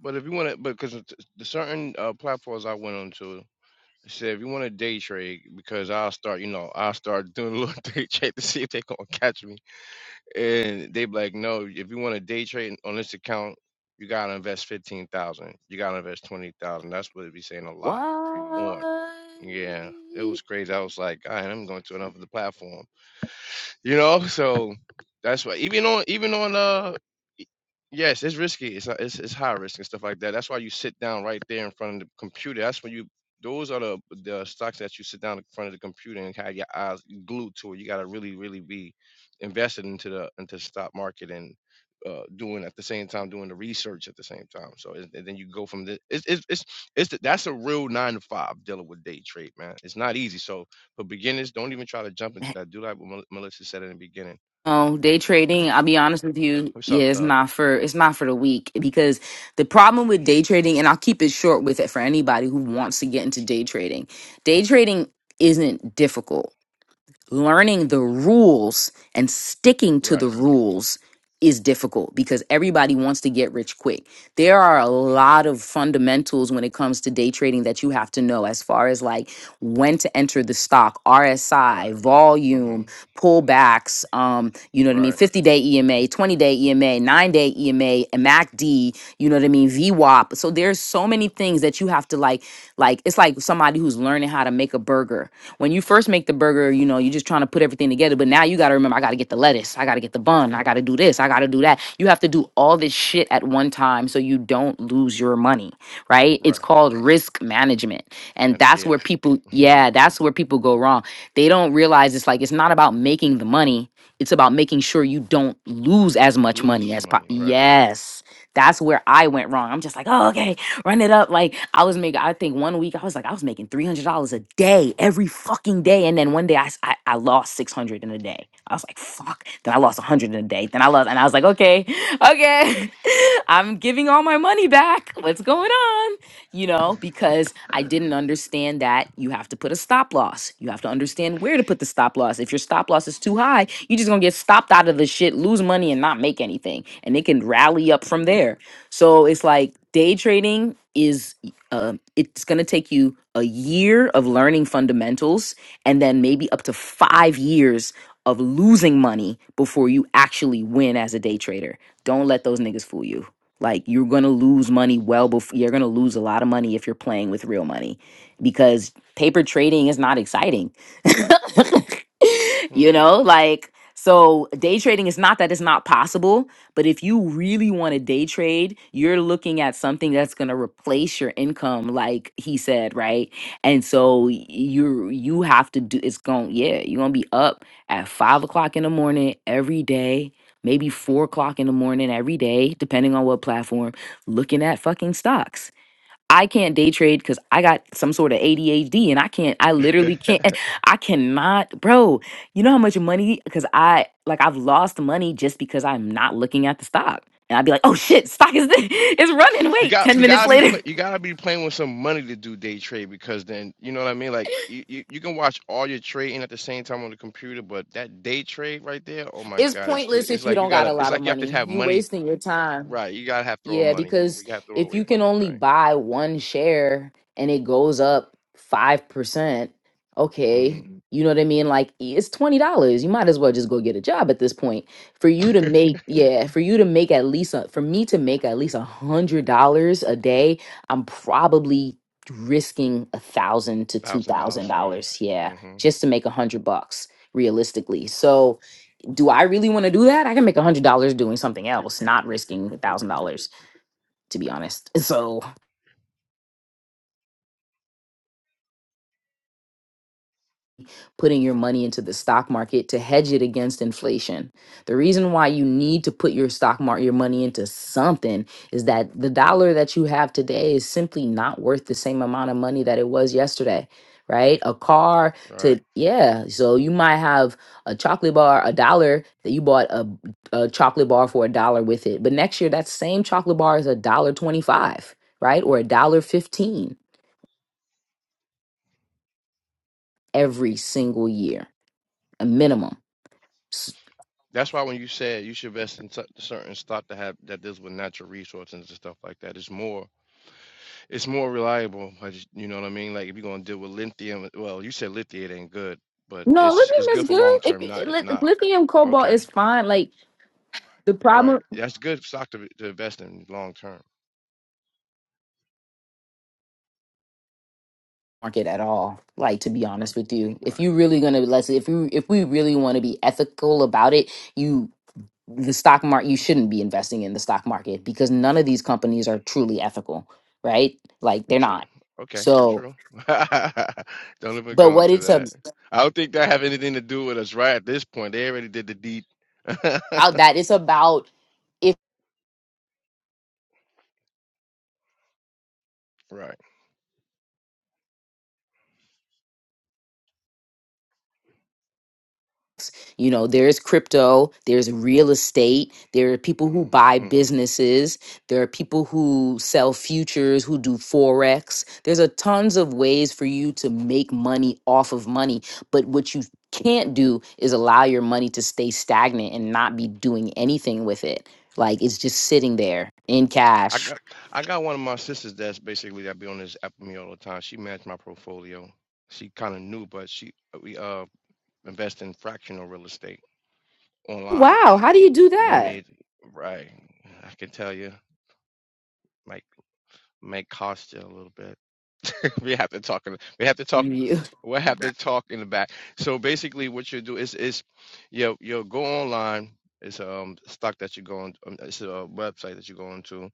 But if you want to, because it's- the certain uh, platforms I went on to said if you want to day trade, because I'll start, you know, I'll start <laughs> doing a little <laughs> day trade to see if they gonna catch me, and they be like, no, if you want to day trade on this account, you gotta invest fifteen thousand, you gotta invest twenty thousand. That's what it be saying a
<laughs> what?
lot on. Yeah, it was crazy. I was like, I am going to another platform, you know. So that's why even on even on uh Yes, it's risky. It's a- it's it's high risk and stuff like that. That's why you sit down right there in front of the computer. That's when you those are the the stocks that you sit down in front of the computer and have your eyes glued to it. You got to really really be invested into the into the stock market and uh doing at the same time doing the research at the same time. So it, and then you go from the it's it's it's, it's the, that's a real 9 to 5 dealing with day trade, man. It's not easy. So for beginners, don't even try to jump into that. Do like what Mel- Melissa said in the beginning.
No, day trading, I'll be honest with you,
What's
yeah,
up,
it's
Doug?
not for it's not for the weak because the problem with day trading, and I'll keep it short with it for anybody who wants to get into day trading. Day trading isn't difficult learning the rules and sticking to the
Right.
rules is difficult because everybody wants to get rich quick. There are a lot of fundamentals when it comes to day trading that you have to know as far as like when to enter the stock, RSI,
Right.
volume,
Mhm.
pullbacks, um, you know what I
Right.
mean, 50-day EMA, 20-day EMA, 9-day EMA, and MACD, you know what I mean, VWAP. So there's so many things that you have to like like it's like somebody who's learning how to make a burger when you first make the burger, you know, you're just trying to put everything together. But now you got to remember, I got to get the lettuce, I got to get the bun, I got to do this, I got to do that. You have to do all this shit at one time so you don't lose your money, right? It's
Right.
called risk management. And
And
that's
yeah.
where people, yeah, that's where people go wrong. They don't realize it's like, it's not about making the money, it's about making sure you don't lose as
<laughs>
much
Lose
money
your
as po-
money. Right.
Yes. That's where I went wrong. I'm just like, oh, okay run it up. Like I was making, I think one week I was like, I was making three hundred dollars a day every fucking day, and then one day I s- I, I lost six hundred in a day. I was like, fuck. Then I lost a hundred in a day. Then I lost, and I was like, okay, <laughs> okay, <laughs> I'm giving all my money back. What's going on? You know, because I didn't understand that you have to put a stop loss. You have to understand where to put the stop loss. If your stop loss is too high, you're just gonna get stopped out of the shit, lose money, and not make anything, and it can rally up from there so it's like day trading is uh, it's going to take you a year of learning fundamentals and then maybe up to 5 years of losing money before you actually win as a day trader. Don't let those niggas fool you. Like you're going to lose money well before you're going to lose a lot of money if you're playing with real money because paper trading is not exciting. <laughs>
Hmm.
you know, like so day trading is not that it's not possible but if you really want to day trade, you're looking at something that's going to replace your income, like he said, right? And so you you have to do. It's going yeah, you're gonna be up at five o'clock in the morning every day, maybe four o'clock in the morning every day, depending on what platform, looking at fucking stocks I can't day trade because I got some sort of ADHD and I can't, I
<laughs>
literally can't, <laughs> I cannot, bro. You know how much money? Because I, like, I've lost money just because I'm not looking at the stock. And I'd be like, oh shit, stock is, <laughs> it's running.
you
Wait,
got
10
you
minutes
gotta be
later.
play
<laughs>
you gotta be playing with some money to do day trade because then you know what I mean. Like you, you, you can watch all your trading at the same time on the computer, but that day trade right there, oh my
It's
God, it's too.
pointless
It's
if you
like you
don't got a
gotta. It's
lot of
like you have to
money.
have
You
money.
wasting your time.
Right. You gotta have throw
Yeah,
money. Or
because
you have to throw
if
away
you can
money.
only
Right.
buy one share and it goes up 5%, okay,
hmm
Mhm. you know what I mean? Like i- it's $20. You might as well just go get a job at this point. For you to make, yeah, for you to make at least, a, for me to make at least a $100 a day, I'm probably risking a thousand to
<laughs>
two
Thousand
thousand
dollars. Right.
dollars yeah
hmm
just to make a hundred bucks realistically so do i really want to do that i can make a hundred dollars doing something else not risking a thousand dollars to be honest. <laughs> So, putting your money into the stock market to hedge it against inflation. The reason why you need to put your stock market your money into something is that the dollar that you have today is simply not worth the same amount of money that it was yesterday, right? A car
Right.
to yeah, so you might have a chocolate bar a dollar that you bought a, a chocolate bar for a dollar with it, but next year that same chocolate bar is a dollar 25, right? Or a dollar 15 every single year, a minimum.
That's why when you said you should invest in cer- certain stock to have that deals with natural resources and stuff like that, it's more. It's more reliable. I just, you know what I mean? Like if you're gonna deal with lithium, uh, well, you said lithium ain't good, but
No,
it's
lithium
it's
is
good for
good.
long
If
term, not
it- lit-
not
lithium cobalt
okay.
is fine, like the problem
Right. That's good stock to to invest in long term.
market at all. Like to be honest with you, if
Right.
you really gonna let's if you if we really want to be ethical about it, you the stock market you shouldn't be investing in the stock market because none of these companies are truly ethical, right? Like they're
True.
not.
Okay,
So,
true. <laughs> Don't even
but
go
what
into
it's
that.
about
I don't think that have anything to do with us right at this point. They already did the deed. <laughs>
that it's about
Right.
You know, there's crypto, there's real estate, there are people who buy
hmm
businesses, there are people who sell futures, who do forex. There's a tons of ways for you to make money off of money, but what you can't do is allow your money to stay stagnant and not be doing anything with it. Like it's just sitting there in
I
cash.
got I got one of my sisters that's basically that be on this app with me all the time. She managed my portfolio. She kind of knew, but she we uh invest in fractional real estate online.
Wow, how do you do
You know what I
that?
mean? Right. I can tell you, might might cost you a little bit. <laughs> we have to talk. We have to talk.
<laughs>
We will have to talk in the back. So basically, what you do is is you you go online. It's um stock that you go on. um, It's a website that you go into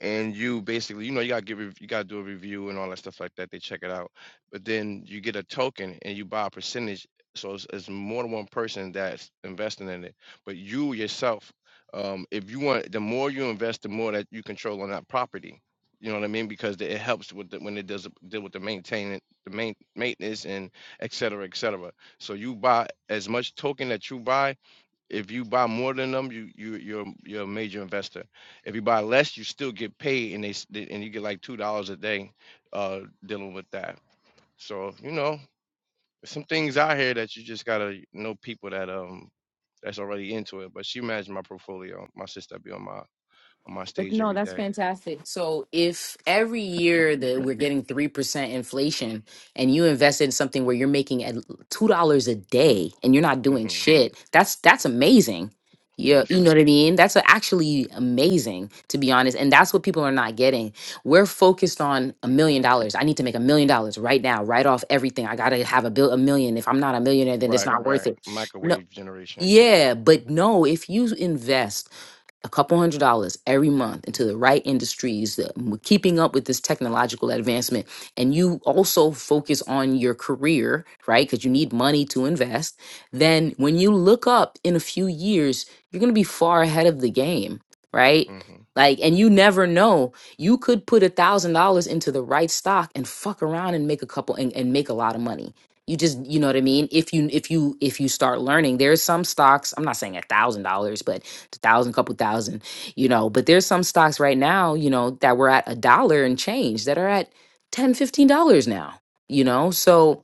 and you basically you know you got to give rev- you got to do a review and all that stuff like that they check it out but then you get a token and you buy a percentage so it's, it's more than one person that's investing in it but you yourself um, if you want the more you invest the more that you control on that property you know what i mean because the, it helps with the, when it does deal with the maintaining the main maintenance and et cetera et cetera so you buy as much token that you buy if you buy more than them, you you you're you're a major investor. If you buy less, you still get paid, and they s- they- and you get like two dollars a day, uh, dealing with that. So you know, there's some things out here that you just gotta know people that um that's already into it. But she managed my portfolio. My sister be on my on my
But
stage
no,
every
that's
day.
fantastic. So if every year that we're getting 3% inflation and you invest in something where you're making at $2 a day and you're not doing
Mm-hmm.
shit, that's that's amazing. Yeah, you know
Yes,
what I mean? That's a- actually amazing to be honest, and that's what people are not getting. We're focused on a million dollars. I need to make a million dollars right now, right off everything. I got to have a bill a million. If I'm not a millionaire, then it's
right,
not worth
right.
it. No.
Microwave generation.
Yeah, but no, if you invest a couple hundred dollars every month into the right industries, the, keeping up with this technological advancement, and you also focus on your career, right? Because you need money to invest. Then when you look up in a few years, you're going to be far ahead of the game, right?
Mhm.
Like, and you
Mhm.
never know. You could put a thousand dollars into the right stock and fuck around and make a couple and, and make a lot of money you just you know what i mean if you if you if you start learning there's some stocks i'm not saying a thousand dollars but a thousand, couple thousand, you know. But there's some stocks right now, you know, that were at a dollar and change that are at ten, fifteen dollars now, you know. So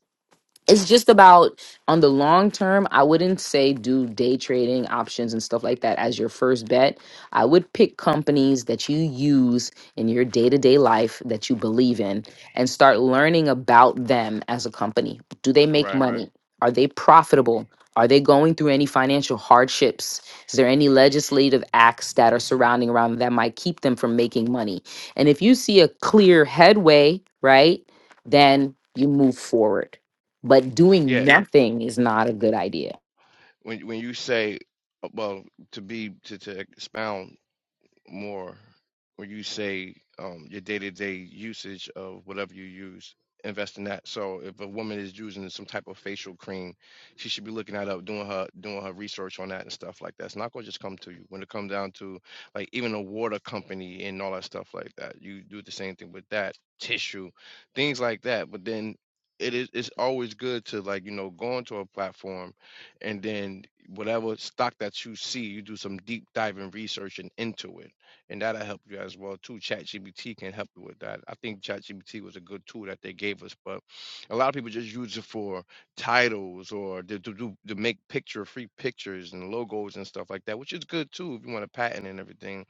it's just about on the long term i wouldn't say do day trading options and stuff like that as your first bet i would pick companies that you use in your day-to-day life that you believe in and start learning about them as a company do they make
Right.
money are they profitable are they going through any financial hardships is there any legislative acts that are surrounding around them that might keep them from making money and if you see a clear headway right then you move forward but doing
Yeah.
nothing is not a good idea.
When when you say, uh, well, to be to to expound more when you say um, your day-to-day usage of whatever you use invest in that so if a woman is using some type of facial cream she should be looking that up doing her doing her research on that and stuff like that it's not going to just come to you when it comes down to like even a water company and all that stuff like that you do the same thing with that tissue things like that but then it is it's always good to like you know go onto a platform and then whatever stock that you see, you do some deep diving research and into it and that'll help you as well too. ChatGPT can help you with that. I think ChatGPT was a good tool that they gave us, but a lot of people just use it for titles or to, to do to make picture free pictures and logos and stuff like that, which is good too if you want to patent and everything.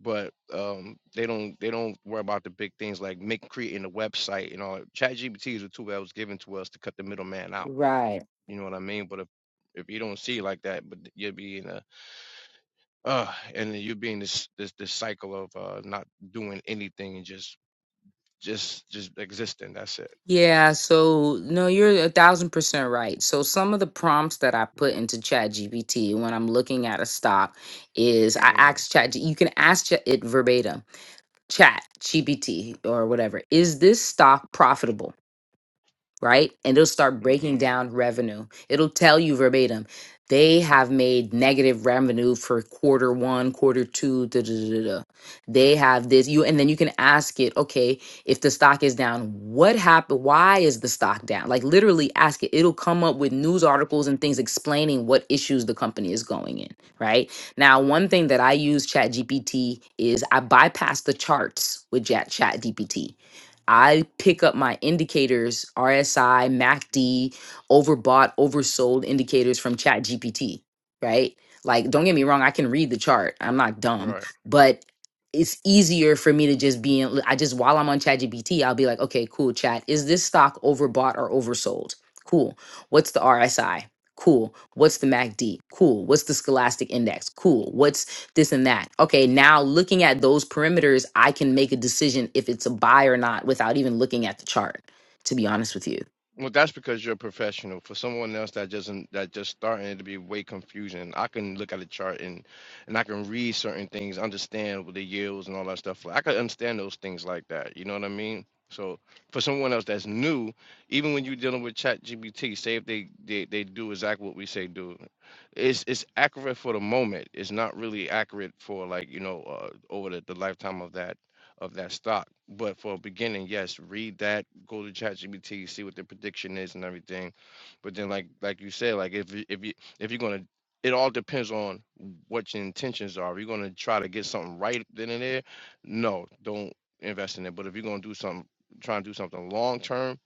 But um, they don't they don't worry about the big things like make creating a website and all. ChatGPT is a tool that was given to us to cut the middleman out.
Right.
You know what I mean? But if if you don't see it like that, but you'll be in a uh and then you being this this this cycle of uh not doing anything and just just just existing that's it
Yeah, so no, you're a thousand percent right. So some of the prompts that I put into ChatGPT when I'm looking at a stock is I
hmm
ask Chat. You can ask Chat- it verbatim, Chat GPT or whatever. Is this stock profitable? right? And it'll start
hmm
breaking down revenue. It'll tell you verbatim, they have made negative revenue for quarter one, quarter two, da, da, da, da. da. They have this, you, and then you can ask it, okay, if the stock is down, what happened? Why is the stock down? Like literally ask it. It'll come up with news articles and things explaining what issues the company is going in, right? Now, one thing that I use ChatGPT is I bypass the charts with Chat ChatGPT I pick up my indicators, RSI, MACD, overbought, oversold indicators from ChatGPT, right? Like, don't get me wrong, I can read the chart. I'm not dumb,
right
but it's easier for me to just be in, I just, while I'm on ChatGPT, I'll be like, okay, cool, chat. Is this stock overbought or oversold? Cool. What's the RSI? Cool. What's the MACD? Cool. What's the Scholastic Index? Cool. What's this and that. Okay, now looking at those perimeters, I can make a decision if it's a buy or not without even looking at the chart, to be honest with you.
Well, that's because you're a professional. For someone else that doesn't, that just starting, it would be way confusing. I can look at a chart and and I can read certain things, understand what the yields and all that stuff. Like I can understand those things like that. You know what I mean? So for someone else that's new, even when you're dealing with Chat GBT, say if they, they they do exactly what we say do, it's it's accurate for the moment. It's not really accurate for like you know uh, over the, the lifetime of that of that stock. But for a beginning, yes, read that, go to ChatGPT, see what the prediction is and everything. But then, like like you said, like if you- if you if you're gonna, it all depends on what your intentions are. If you're gonna try to get something right then and there, no, don't invest in it. But if you're gonna do something, trying to do something long term,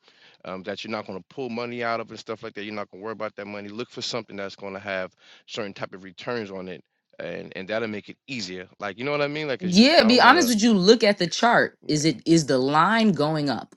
um, that you're not gonna pull money out of and stuff like that, you're not gonna worry about that money. Look for something that's gonna have certain type of returns on it, and and that'll make it easier. Like you know what I mean? Like, cause you,
Yeah,
I
be
don't
honest
wanna.
with you, look at the chart.
yeah,
Is it is the line going up?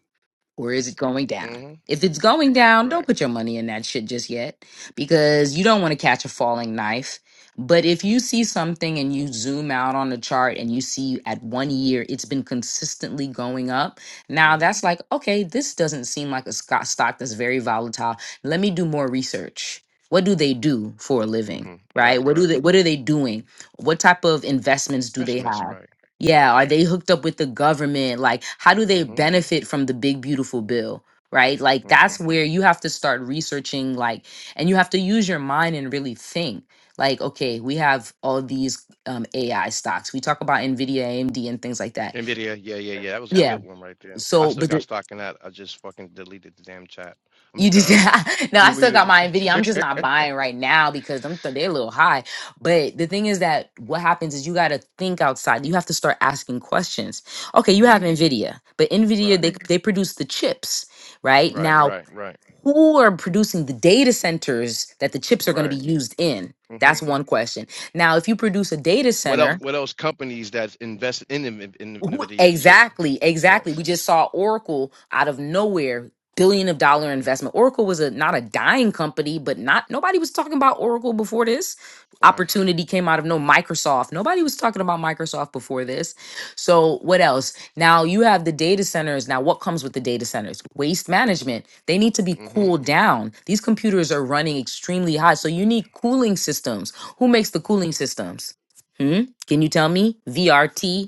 or is it going down?
hmm
If it's going down, don't
Right.
put your money in that shit just yet because you don't want to catch a falling knife. But if you see something and you zoom out on the chart and you see at one year it's been consistently going up,
hmm
now that's like, okay, this doesn't seem like a sco- stock that's very volatile. Let me do more research. What do they do for a living?
hmm
Right?
Right.
What do
Right.
they what are they doing? What type of investments do they
Investments.
have?
Right.
Yeah,
Right.
are they hooked up with the government? Like, how do
hmm
they benefit from the big, beautiful bill? Right? Like,
hmm
that's where you have to start researching, like, and you have to use your mind and really think. Like, okay, we have all these um, AI stocks. We talk about NVIDIA, AMD, and things like that.
Nvidia. Yeah. Yeah. Yeah. That was a
Yeah.
good one right there. I
So,
still
but
got
the-
stock in that. I just fucking deleted the damn chat. I
You
mean, the
just
uh,
<laughs> no, I still
deleted
got
the
my Nvidia. I'm
fucking.
just not buying right now because them th- they're a little high. But the thing is that what happens is you got to think outside. You have to start asking questions.
<laughs>
Okay, you
hmm
have Nvidia, but Nvidia
Right.
they they produce the chips, right?
Right.
Now,
Right. Right.
who are producing the data centers that the chips are going to
Right.
be used in?
hmm
That's one question. Now, if you produce a data
What else?
center
What else? Companies that's invested in, in, in
who-
Nvidia too.
Exactly, exactly. We
Yes.
just saw Oracle out of nowhere, billion of dollar investment. Oracle was a not a dying company, but not nobody was talking about Oracle before this.
Right.
Opportunity came out of no Microsoft. Nobody was talking about Microsoft before this. So what else? Now you have the data centers. Now what comes with the data centers? Waste management. They need to be
hmm
cooled down. These computers are running extremely hot, so you need cooling systems. Who makes the cooling systems? Hmm? Can you tell me? VRT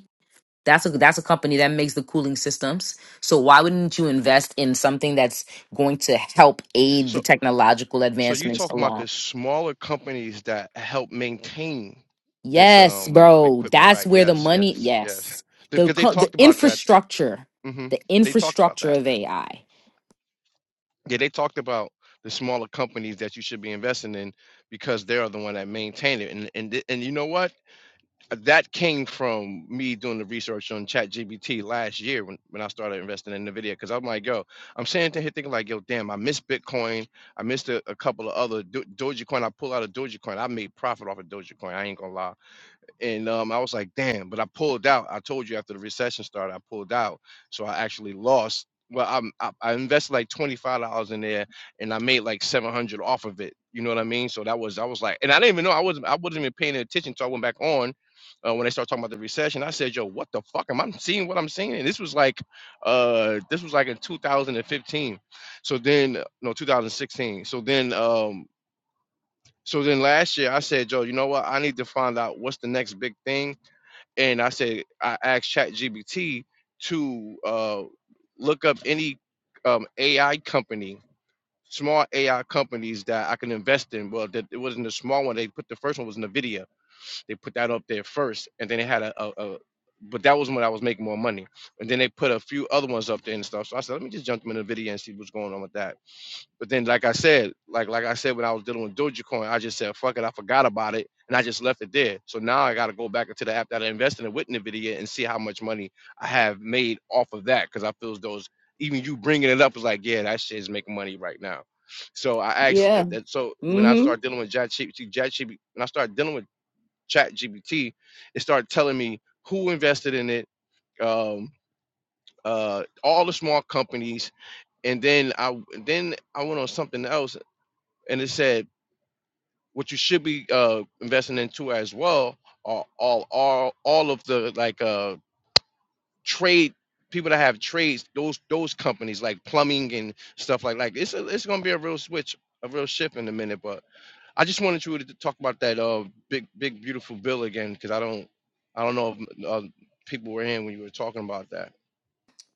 that's a that's a company that makes the cooling systems. So why wouldn't you invest in something that's going to help aid the
So
technological
So you're
advancements
talking about
along?
the smaller companies that help maintain this
Yes,
um
bro.
equipment,
That's
right?
where the
Yes,
money.
yes, yes.
Yes, the
Because they
co- the
talked about that.
infrastructure,
hmm
the
They talked about
infrastructure
that.
of AI.
Yeah, they talked about the smaller companies that you should be investing in because they are the one that maintain it. And and th- and you know what? that came from me doing the research on ChatGPT last year when, when I started investing in Nvidia. Because I'm like, yo, I'm sitting here thinking like, yo, damn, I missed Bitcoin. I missed a, a couple of other Do- Dogecoin. I pull out a Dogecoin. I made profit off of Dogecoin. I ain't gonna lie and um, I was like, damn. But I pulled out. I told you after the recession started, I pulled out, so I actually lost. Well, I'm, I, I invested like twenty five dollars in there, and I made like seven hundred off of it. You know what I mean? So that was I was like, and I didn't even know I wasn't I wasn't even paying attention until I went back on uh, when they started talking about the recession. I said, yo, what the fuck am I seeing? What I'm seeing? And this was like, uh, this was like in 2015. So then, no, 2016. So then, um, so then last year I said, yo, you know what? I need to find out what's the next big thing and I said I asked ChatGPT to uh, look up any um, AI company, small AI companies that I can invest in. Well, that it wasn't a small one. They put the first one was Nvidia. They put that up there first, and then they had a, a, a but that was when I was making more money. And then they put a few other ones up there and stuff. So I said, let me just jump them in Nvidia and see what's going on with that but then, like I said, like like I said when I was dealing with Dogecoin, I just said fuck it, I forgot about it, and I just left it there. So now I got to go back into the app that I invested in with Nvidia and see how much money I have made off of that because I feel as those even you bringing it up is like yeah, that shit is making money right now. So I asked uh,
Yeah.
that. So when I
Mm-hmm.
started dealing with ChatGPT, ChatGPT, when I started dealing with ChatGPT, it started telling me who invested in it, um, uh, all the small companies, and then I then I went on something else and it said what you should be uh, investing into as well are all all all of the like uh trade people that have trades those those companies like plumbing and stuff like like it's a, it's gonna be a real switch a real shift in a minute but I just wanted you to talk about that uh big big beautiful bill again because I don't I don't know if uh, people were in when you were talking about that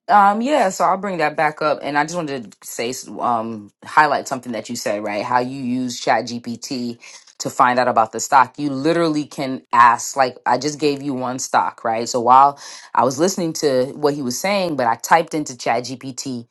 Um, yeah, so I'll bring that back up, and I just wanted to say, um, highlight something that you said, right? How you use ChatGPT to find out about the stock. You literally can ask, like, I just gave you one stock, right? So while I was listening to what he was saying, but I typed into ChatGPT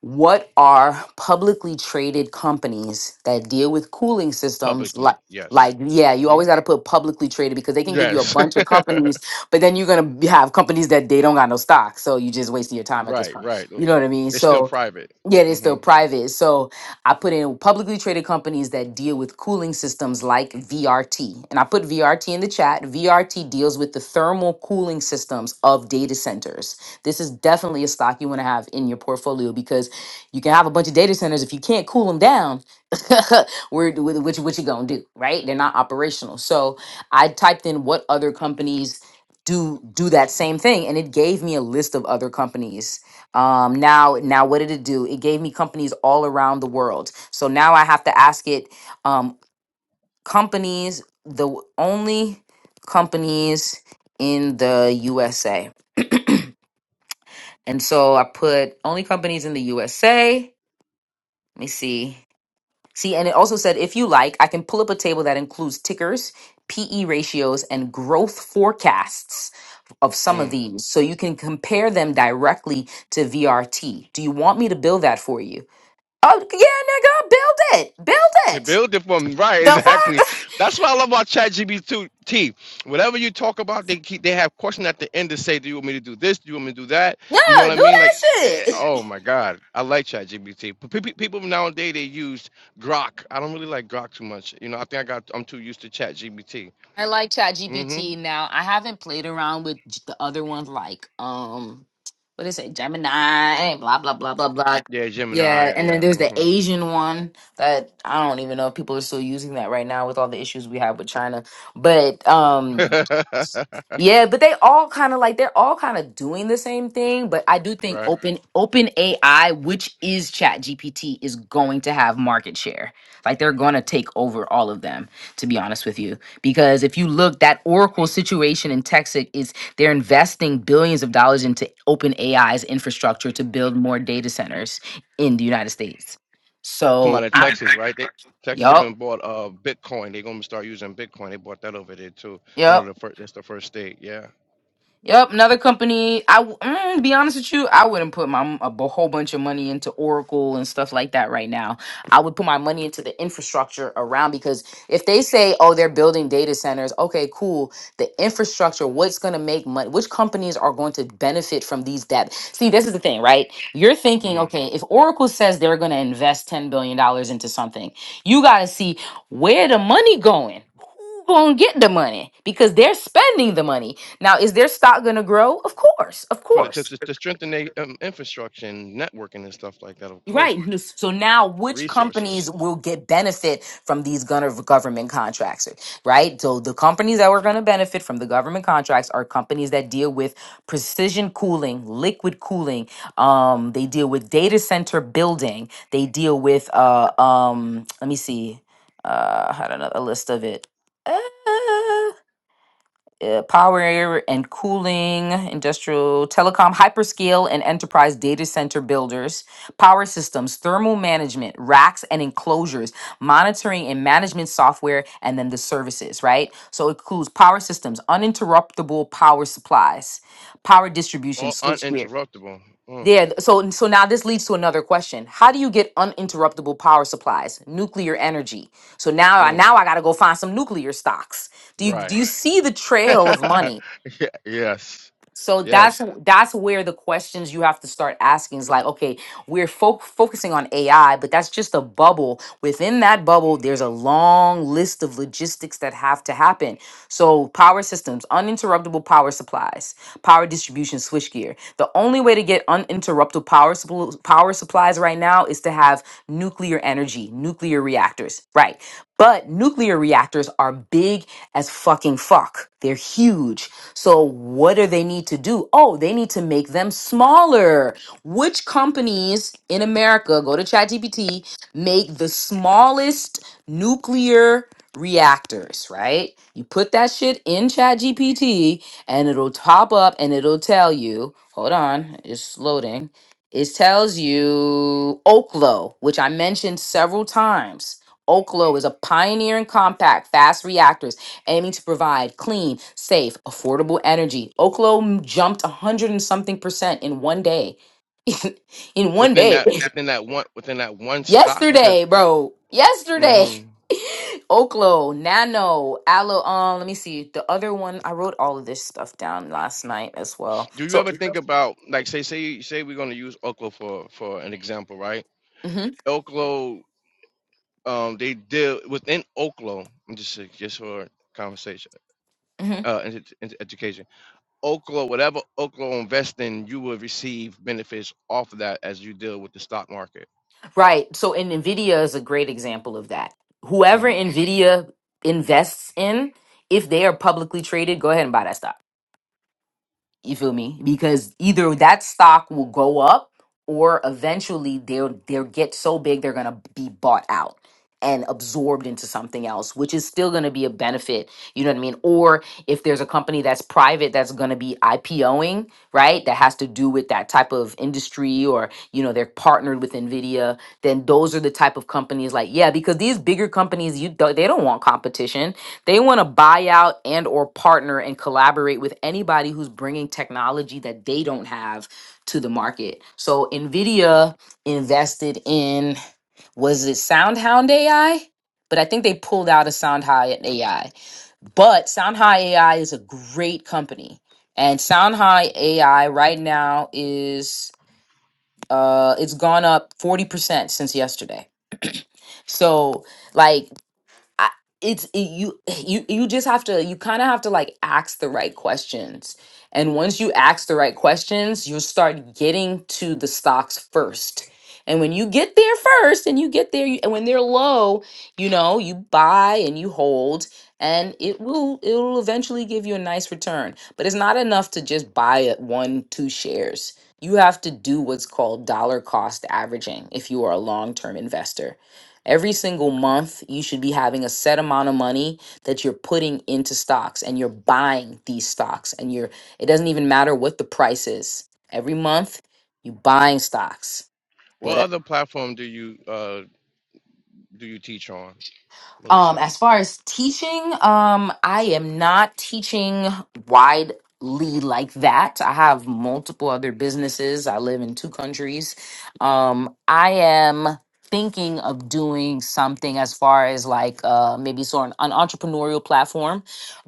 what are publicly traded companies that deal with cooling systems like
publicly yes
like yeah you
hmm
always got to put publicly traded because they can give you a
yes
bunch of companies but then you're going to have companies that they don't got no stock so you just wasting your
<laughs>
time at this
right
point
right
you know what i mean
they're still
so
private
Yet it's still
hmm
private. So I put in publicly traded companies that deal with cooling systems like VRT. And I put VRT in the chat. VRT deals with the thermal cooling systems of data centers. This is definitely a stock you want to have in your portfolio because you can have a bunch of data centers. If you can't cool them down, <laughs> where do- what, you- what you gonna do, right? They're not operational. So I typed in what other companies do do that same thing and it gave me a list of other companies um, now, now, what did it do? It gave me companies all around the world. So now I have to ask it, um, companies, the w- only companies in the USA. And so I put only companies in the USA. Let me see. See, and it also said if you like, I can pull up a table that includes tickers, PE ratios, and growth forecasts of some of these so you can compare them directly to VRT. Do you want me to build that for you? Oh yeah, nigga, build it, build
You
it.
build it from right,
The
exactly.
fuck? <laughs>
That's what I love about ChatGPT. Whatever you talk about, they keep they have question at the end to say, "Do you want me to do this? Do you want me to do that?" You know what
Yeah, do
I mean? Like,
that
eh, eh,
shit.
oh my God, I like ChatGPT. But pe- pe- people nowadays they use Grok. I don't really like Grok too much. You know, I think I got I'm too used to ChatGPT.
I like
Mm-hmm.
ChatGPT now. I haven't played around with j- the other ones like um, what is it, Gemini? Blah blah blah blah blah.
Yeah, Gemini.
Yeah, and then
Yeah.
there's the Asian one that I don't even know if people are still using that right now with all the issues we have with China. But um,
Mm-hmm.
Yeah, but they all kind of like they're all kind of doing the same thing. But I do
<laughs>
think
right.
open open AI, which is Chat GPT, is going to have market share. Like they're gonna take over all of them, to be honest with you. Because if you look, that Oracle situation in Texas is they're investing billions of dollars into open AI's infrastructure to build more data centers in the United States.
Come out
So
of
I,
Texas, right? They Texas even
yup,
bought uh Bitcoin. They're gonna start using Bitcoin. They bought that over there too. One of
yup.
the first. That's the first state. Yeah.
Yep, another company. I w- mm, be honest with you, I wouldn't put my a b- whole bunch of money into Oracle and stuff like that right now. I would put my money into the infrastructure around because if they say, "Oh, they're building data centers," okay, cool. The infrastructure, what's going to make money? Which companies are going to benefit from these debt? See, this is the thing, right? You're thinking,
hmm
okay, if Oracle says they're going to invest ten billion dollars into something, you got to see where the money going. Who gonna get the money because they're spending the money now, is their stock going to grow? Of course, of
For the, to,
course.
to to strengthen their um, infrastructure and networking and stuff like that. Of course,
Right. <laughs> So now, which
resources
companies will get benefit from these gun- government contracts? Right. So the companies that are going to benefit from the government contracts are companies that deal with precision cooling, liquid cooling. Um, they deal with data center building. They deal with uh, um, let me see, uh, I had another list of it. Uh, uh, power and cooling, industrial telecom, hyperscale and enterprise data center builders, power systems, thermal management, racks and enclosures, monitoring and management software, and then the services, right? So it includes power systems, uninterruptible power supplies, power distribution,
all
switchgear.
uninterruptible. Mm,
Yeah, so so now this leads to another question. How do you get uninterruptible power supplies, nuclear energy? So now I
mm,
now I got to go find some nuclear stocks. Do you do
right.
you see the
<laughs>
trail of
yeah,
money?
yes.
So that's
Yes.
that's where the questions you have to start asking is like, okay, we're fo- focusing on AI, but that's just a bubble. Within that bubble, there's a long list of logistics that have to happen. So power systems, uninterruptible power supplies, power distribution, switchgear. The only way to get uninterruptible power supplies power supplies right now is to have nuclear energy, nuclear reactors, right? But nuclear reactors are big as fucking fuck. They're huge. So what do they need to do? Oh, they need to make them smaller. Which companies in America go to ChatGPT make the smallest nuclear reactors, right? You put that shit in ChatGPT and it'll top up and it'll tell you, hold on, it's loading. It tells you Oklo, which I mentioned several times Oklo is a pioneer in compact, fast reactors, aiming to provide clean, safe, affordable energy. Oklo jumped a 100 and something percent in one day. <laughs> in one
Within
day.
that within that one within that one stop because
Yesterday, bro. Yesterday.
hmm
<laughs> Oklo, Nano, Aloe. Um, let me see. The other one, I wrote all of this stuff down last night as well.
do you
So,
ever think about like say say say we're gonna use Oklo for for an example, right?
mm-hmm,
Oklo um, they deal within Oklo. Just uh, just for conversation,
mm-hmm.
uh, and ed- education. Oklo, whatever Oklo invests in, you will receive benefits off of that as you deal with the stock market.
Right. So, and NVIDIA is a great example of that. Whoever
hmm
NVIDIA invests in, if they are publicly traded, go ahead and buy that stock. You feel me? Because either that stock will go up or eventually they'll they'll get so big they're gonna be bought out and absorbed into something else, which is still gonna be a benefit. You know what I mean? Or if there's a company that's private that's gonna be IPOing, right? That has to do with that type of industry or, you know, they're partnered with NVIDIA, then those are the type of companies like, yeah, because these bigger companies, you don't- they don't want competition they want to buy out and or partner and collaborate with anybody who's bringing technology that they don't have to the market. So Nvidia invested in was it SoundHound AI? But I think they pulled out of SoundHound AI. But SoundHound AI is a great company. And SoundHound AI right now is uh it's gone up 40% since yesterday. So like I, it's it, you you you just have to you kind of have to like ask the right questions and once you ask the right questions you'll start getting to the stocks first and when you get there first and you get there you, and when they're low you know you buy and you hold and it will it will eventually give you a nice return but it's not enough to just buy at one two shares you have to do what's called dollar cost averaging if you are a long-term investor Every single month, you should be having a set amount of money that you're putting into stocks and you're buying these stocks and you're it doesn't even matter what the price is. Every month, you buying stocks.
What
What
other platform do you uh do you teach on,
Um,
Melissa?
as far as teaching, um, I am not teaching widely like that. I have multiple other businesses. I live in two countries. Um, I am thinking of doing something as far as like uh, maybe sort of an entrepreneurial platform,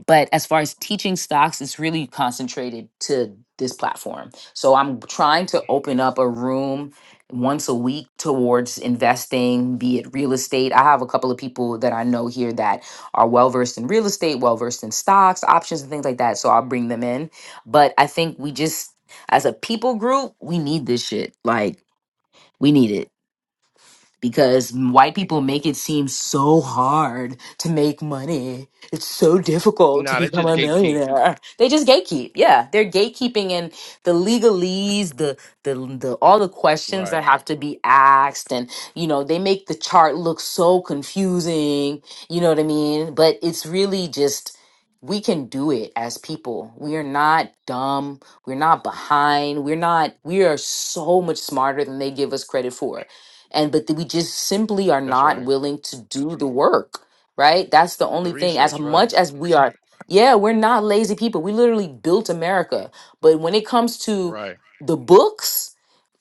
but as far as teaching stocks, it's really concentrated to this platform. So I'm trying to open up a room once a week towards investing, be it real estate. I have a couple of people that I know here that are well versed in real estate, well versed in stocks, options, and things like that. So I'll bring them in. But I think we just, as a people group, we need this shit. Like, we need it because white people make it seem so hard to make money. It's so difficult to
Nah, they
become
just
a
gatekeep.
millionaire. They just gatekeep. Yeah, they're gatekeeping and the legalese, the the the all the questions
Right.
that have to be asked and you know, they make the chart look so confusing, you know what I mean? But it's really just we can do it as people. We are not dumb. We're not behind. We're not, we are so much smarter than they give us credit for and but we just simply are
That's
not
right.
willing to do the work right that's the
The
only thing as
research. Right.
much as we are yeah we're not lazy people we literally built america but when it comes to
Right.
the books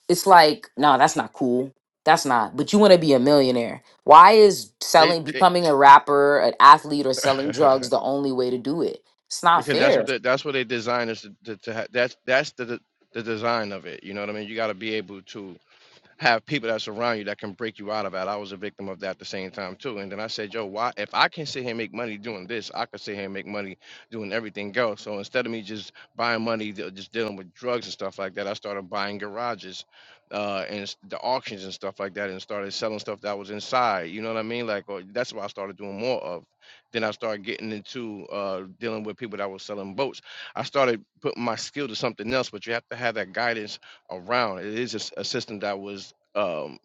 it's like no that's not cool that's not but you want to be a millionaire why is
They
selling
they
becoming a rapper an athlete or selling drugs
<laughs>
the only way to do it it's not
because that's what
fair
they, that's what they designed us to, to, to ha- that's that's the the design of it. You know what I mean? You got to be able to have people that surround you that can break you out of that. I was a victim of that at the same time too. And then I said, yo, why if I can sit here and make money doing this, I could sit here and make money doing everything else. So instead of me just buying money, de- just dealing with drugs and stuff like that, I started buying garages uh and s- the auctions and stuff like that and started selling stuff that was inside. You know what I mean? Like or that's what I started doing more of. Then I started getting into uh dealing with people that were selling boats. I started putting my skill to something else, but you have to have that guidance around. It is a, s- a system that was um,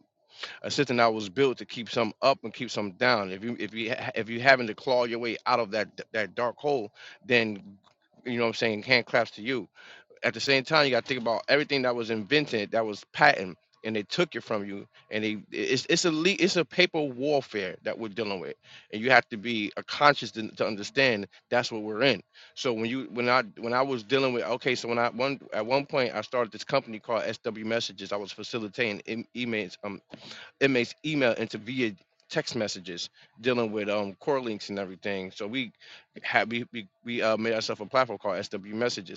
a system that was built to keep some up and keep some down. If you if you ha- if you having to claw your way out of that that dark hole, then you know what I'm saying hand claps to you at the same time, you got to think about everything that was invented, that was patent, and they took it from you. And they it's it's a le- it's a paper warfare that we're dealing with, and you have to be a conscious to, to understand that's what we're in. So when you when I when I was dealing with okay, so when I one at one point I started this company called SW Messages. I was facilitating em- emails um inmates email into via text messages dealing with um core links and everything so we had we we, we uh, made ourselves a platform called sw messages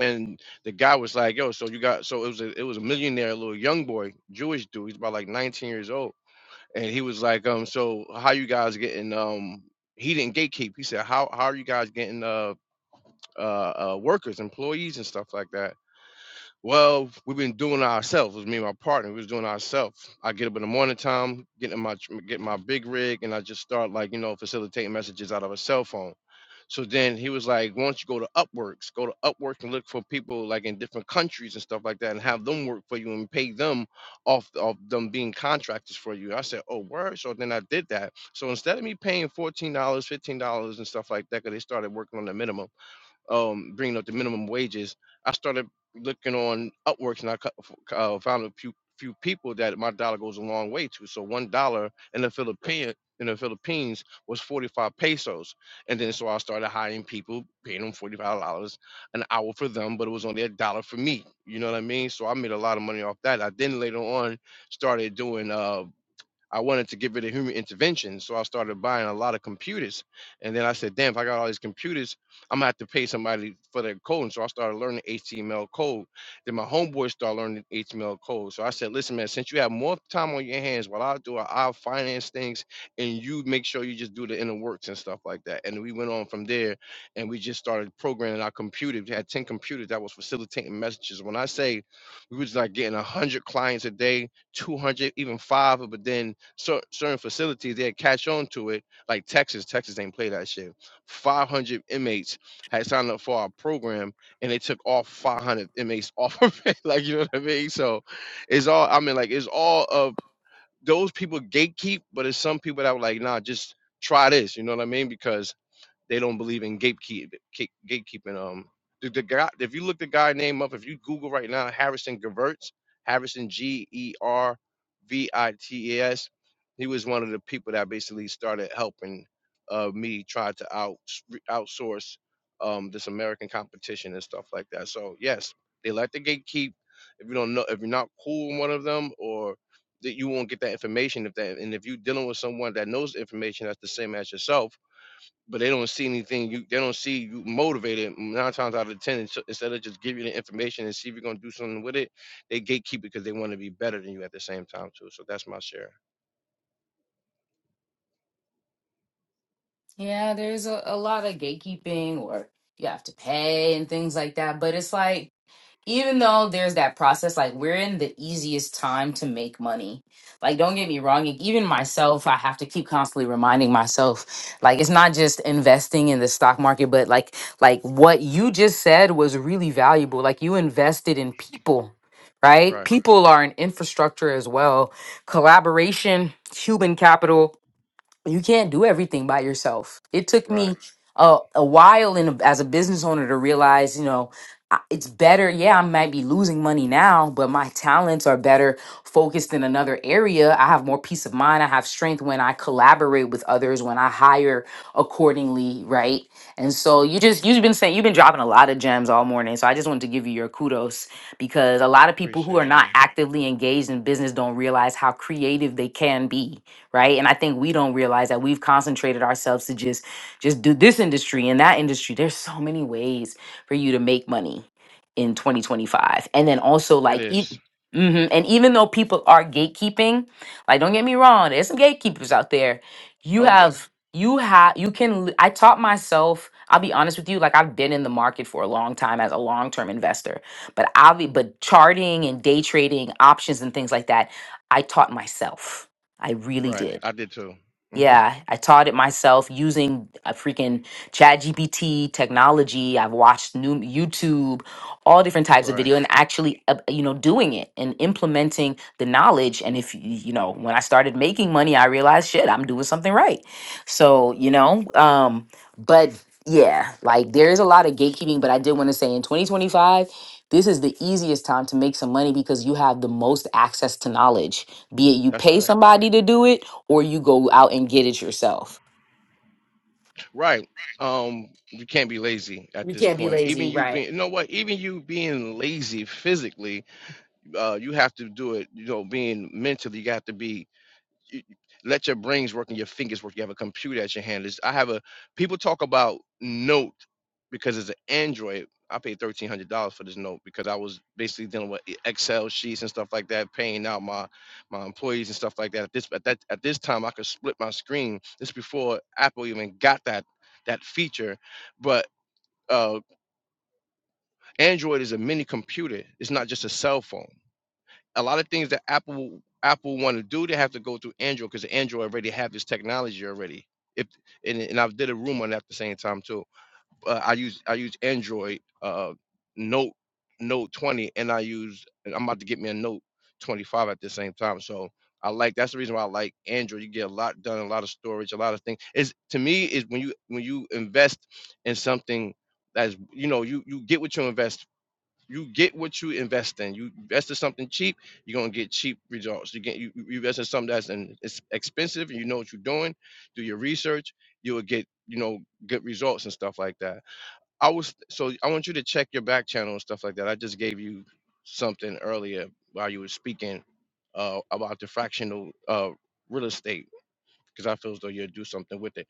and the guy was like, "Yo, so you got so it was a it was a millionaire little young boy, Jewish dude. He's about like 19 years old, and he was like, um, so how you guys getting um." He didn't gatekeep. He said, "How how are you guys getting uh, uh uh workers, employees, and stuff like that?" Well, we've been doing it ourselves. It was me and my partner. We was doing it ourselves. I get up in the morning time, get in my tr- get my big rig, and I just start like you know facilitating messages out of a cell phone. So then he was like, "Why don't you go to Upworks? Go to Upwork and look for people like in different countries and stuff like that, and have them work for you and pay them off of them being contractors for you." I said, "Oh, word!" So then I did that. So instead of me paying fourteen dollars, fifteen dollars, and stuff like that, because they started working on the minimum um, bringing up the minimum wages, I started looking on Upworks and I cu- uh, found a few few people that my dollar goes a long way to. So one dollar in the Philippine in the Philippines was 45 pesos, and then so I started hiring people, paying them 45 dollars an hour for them, but it was only a dollar for me. You know what I mean? So I made a lot of money off that. I then later on started doing uh I wanted to give it a human intervention, so I started buying a lot of computers. And then I said, damn, if I got all these computers, I'm gonna have to pay somebody for their code. And so I started learning HTML code. Then my homeboy started learning HTML code. So I said, listen, man, since you have more time on your hands, what I'll do, I'll finance things and you make sure you just do the inner works and stuff like that. And we went on from there and we just started programming our computer. We had 10 computers that was facilitating messages. When I say we was like getting 100 clients a day, 200, even five, but then cer- certain facilities they catch on to it, like Texas. Texas ain't play that shit. 500 inmates had signed up for our program and they took all 500 inmates <laughs> off of it. <laughs> Like, you know what I mean? So it's all, I mean, like, it's all of those people gatekeep, but it's some people that were like, nah, just try this. You know what I mean? Because they don't believe in gatekeep, gate- gatekeeping. Um, the, the guy, if you look the guy name up, if you Google right now, Harrison Gervitz, Harrison G E R V I T E S, he was one of the people that basically started helping uh, me try to out outsource um, this American competition and stuff like that. So yes, they like the gatekeep. If you don't know, if you're not cool with one of them, or that you won't get that information if that, and if you're dealing with someone that knows the information that's the same as yourself but they don't see anything. You they don't see you motivated. Nine times out of ten, ins- instead of just give you the information and see if you're gonna do something with it, they gatekeep it because they want to be better than you at the same time too. So that's my share.
yeah there's a, a lot of gatekeeping or you have to pay and things like that but it's like even though there's that process, like we're in the easiest time to make money. Like, don't get me wrong. e- Even myself, I have to keep constantly reminding myself, like, it's not just investing in the stock market, but like, like what you just said was really valuable. Like, you invested in people, right?
Right,
People are an infrastructure as well. Collaboration, human capital, you can't do everything by yourself. It took me
right.
a, a while in as a business owner to realize, you know, I- it's better. Yeah, I might be losing money now, but my talents are better focused in another area. I have more peace of mind. I have strength when I collaborate with others, when I hire accordingly, right? And so you just you've been saying you've been dropping a lot of gems all morning. So I just wanted to give you your kudos because a lot of people who are
Appreciate
not
that.
actively engaged in business don't realize how creative they can be right and i think we don't realize that we've concentrated ourselves to just just do this industry and that industry there's so many ways for you to make money in 2025 and then also
It
like e-
is.
mhm, and even though people are gatekeeping like don't get me wrong there's some gatekeepers out there you
Oh yeah.
have you have you can li- i taught myself i'll be honest with you like i've been in the market for a long time as a long-term investor but i'll be but charting and day trading options and things like that i taught myself I really
Right.
did.
I did too. hmm
Yeah, I taught it myself using a freaking ChatGPT technology. I've watched new YouTube, all different types of
Right.
video, and actually, uh, you know, doing it and implementing the knowledge. And if y- you know, when I started making money, I realized, shit, I'm doing something right. So you know, um, but yeah, like there is a lot of gatekeeping. But I did want to say, in 2025, this is the easiest time to make some money because you have the most access to knowledge be it you
That's
pay
right.
somebody to do it or you go out and get it yourself.
Right. Um. You can't be lazy at
You
this
can't be
point. Even
lazy,
you being,
right?
you know what? Even you being lazy physically, uh, you have to do it. You know, being mentally, you have to be you, you- let your brains work and your fingers work. You have a computer at your hand. It's, I have a people talk about Note because it's an Android. I paid thirteen hundred dollars for this Note because I was basically dealing with e- Excel sheets and stuff like that, paying out my my employees and stuff like that. At this at that at this time, I could split my screen. This before Apple even got that that feature, but uh, Android is a mini computer. It's not just a cell phone a lot of things that Apple Apple want to do, they have to go through Android because Android already have this technology already. If and, and I did a room on that at the same time too. Uh, I use I use Android uh, Note Note 20, and I use and I'm about to get me a Note 25 at the same time. So I like that's the reason why I like Android. You get a lot done, a lot of storage, a lot of things. Is to me is when you when you invest in something that's you know you you get what you invest you get what you invest in. You invest in something cheap, you're gonna get cheap results. You get you, you invest in something that's an, it's expensive and you know what you're doing, do your research, you will get, you know, good results and stuff like that. I was so I want you to check your back channel and stuff like that. I just gave you something earlier while you were speaking uh about the fractional uh real estate because I feel as though you'll do something with it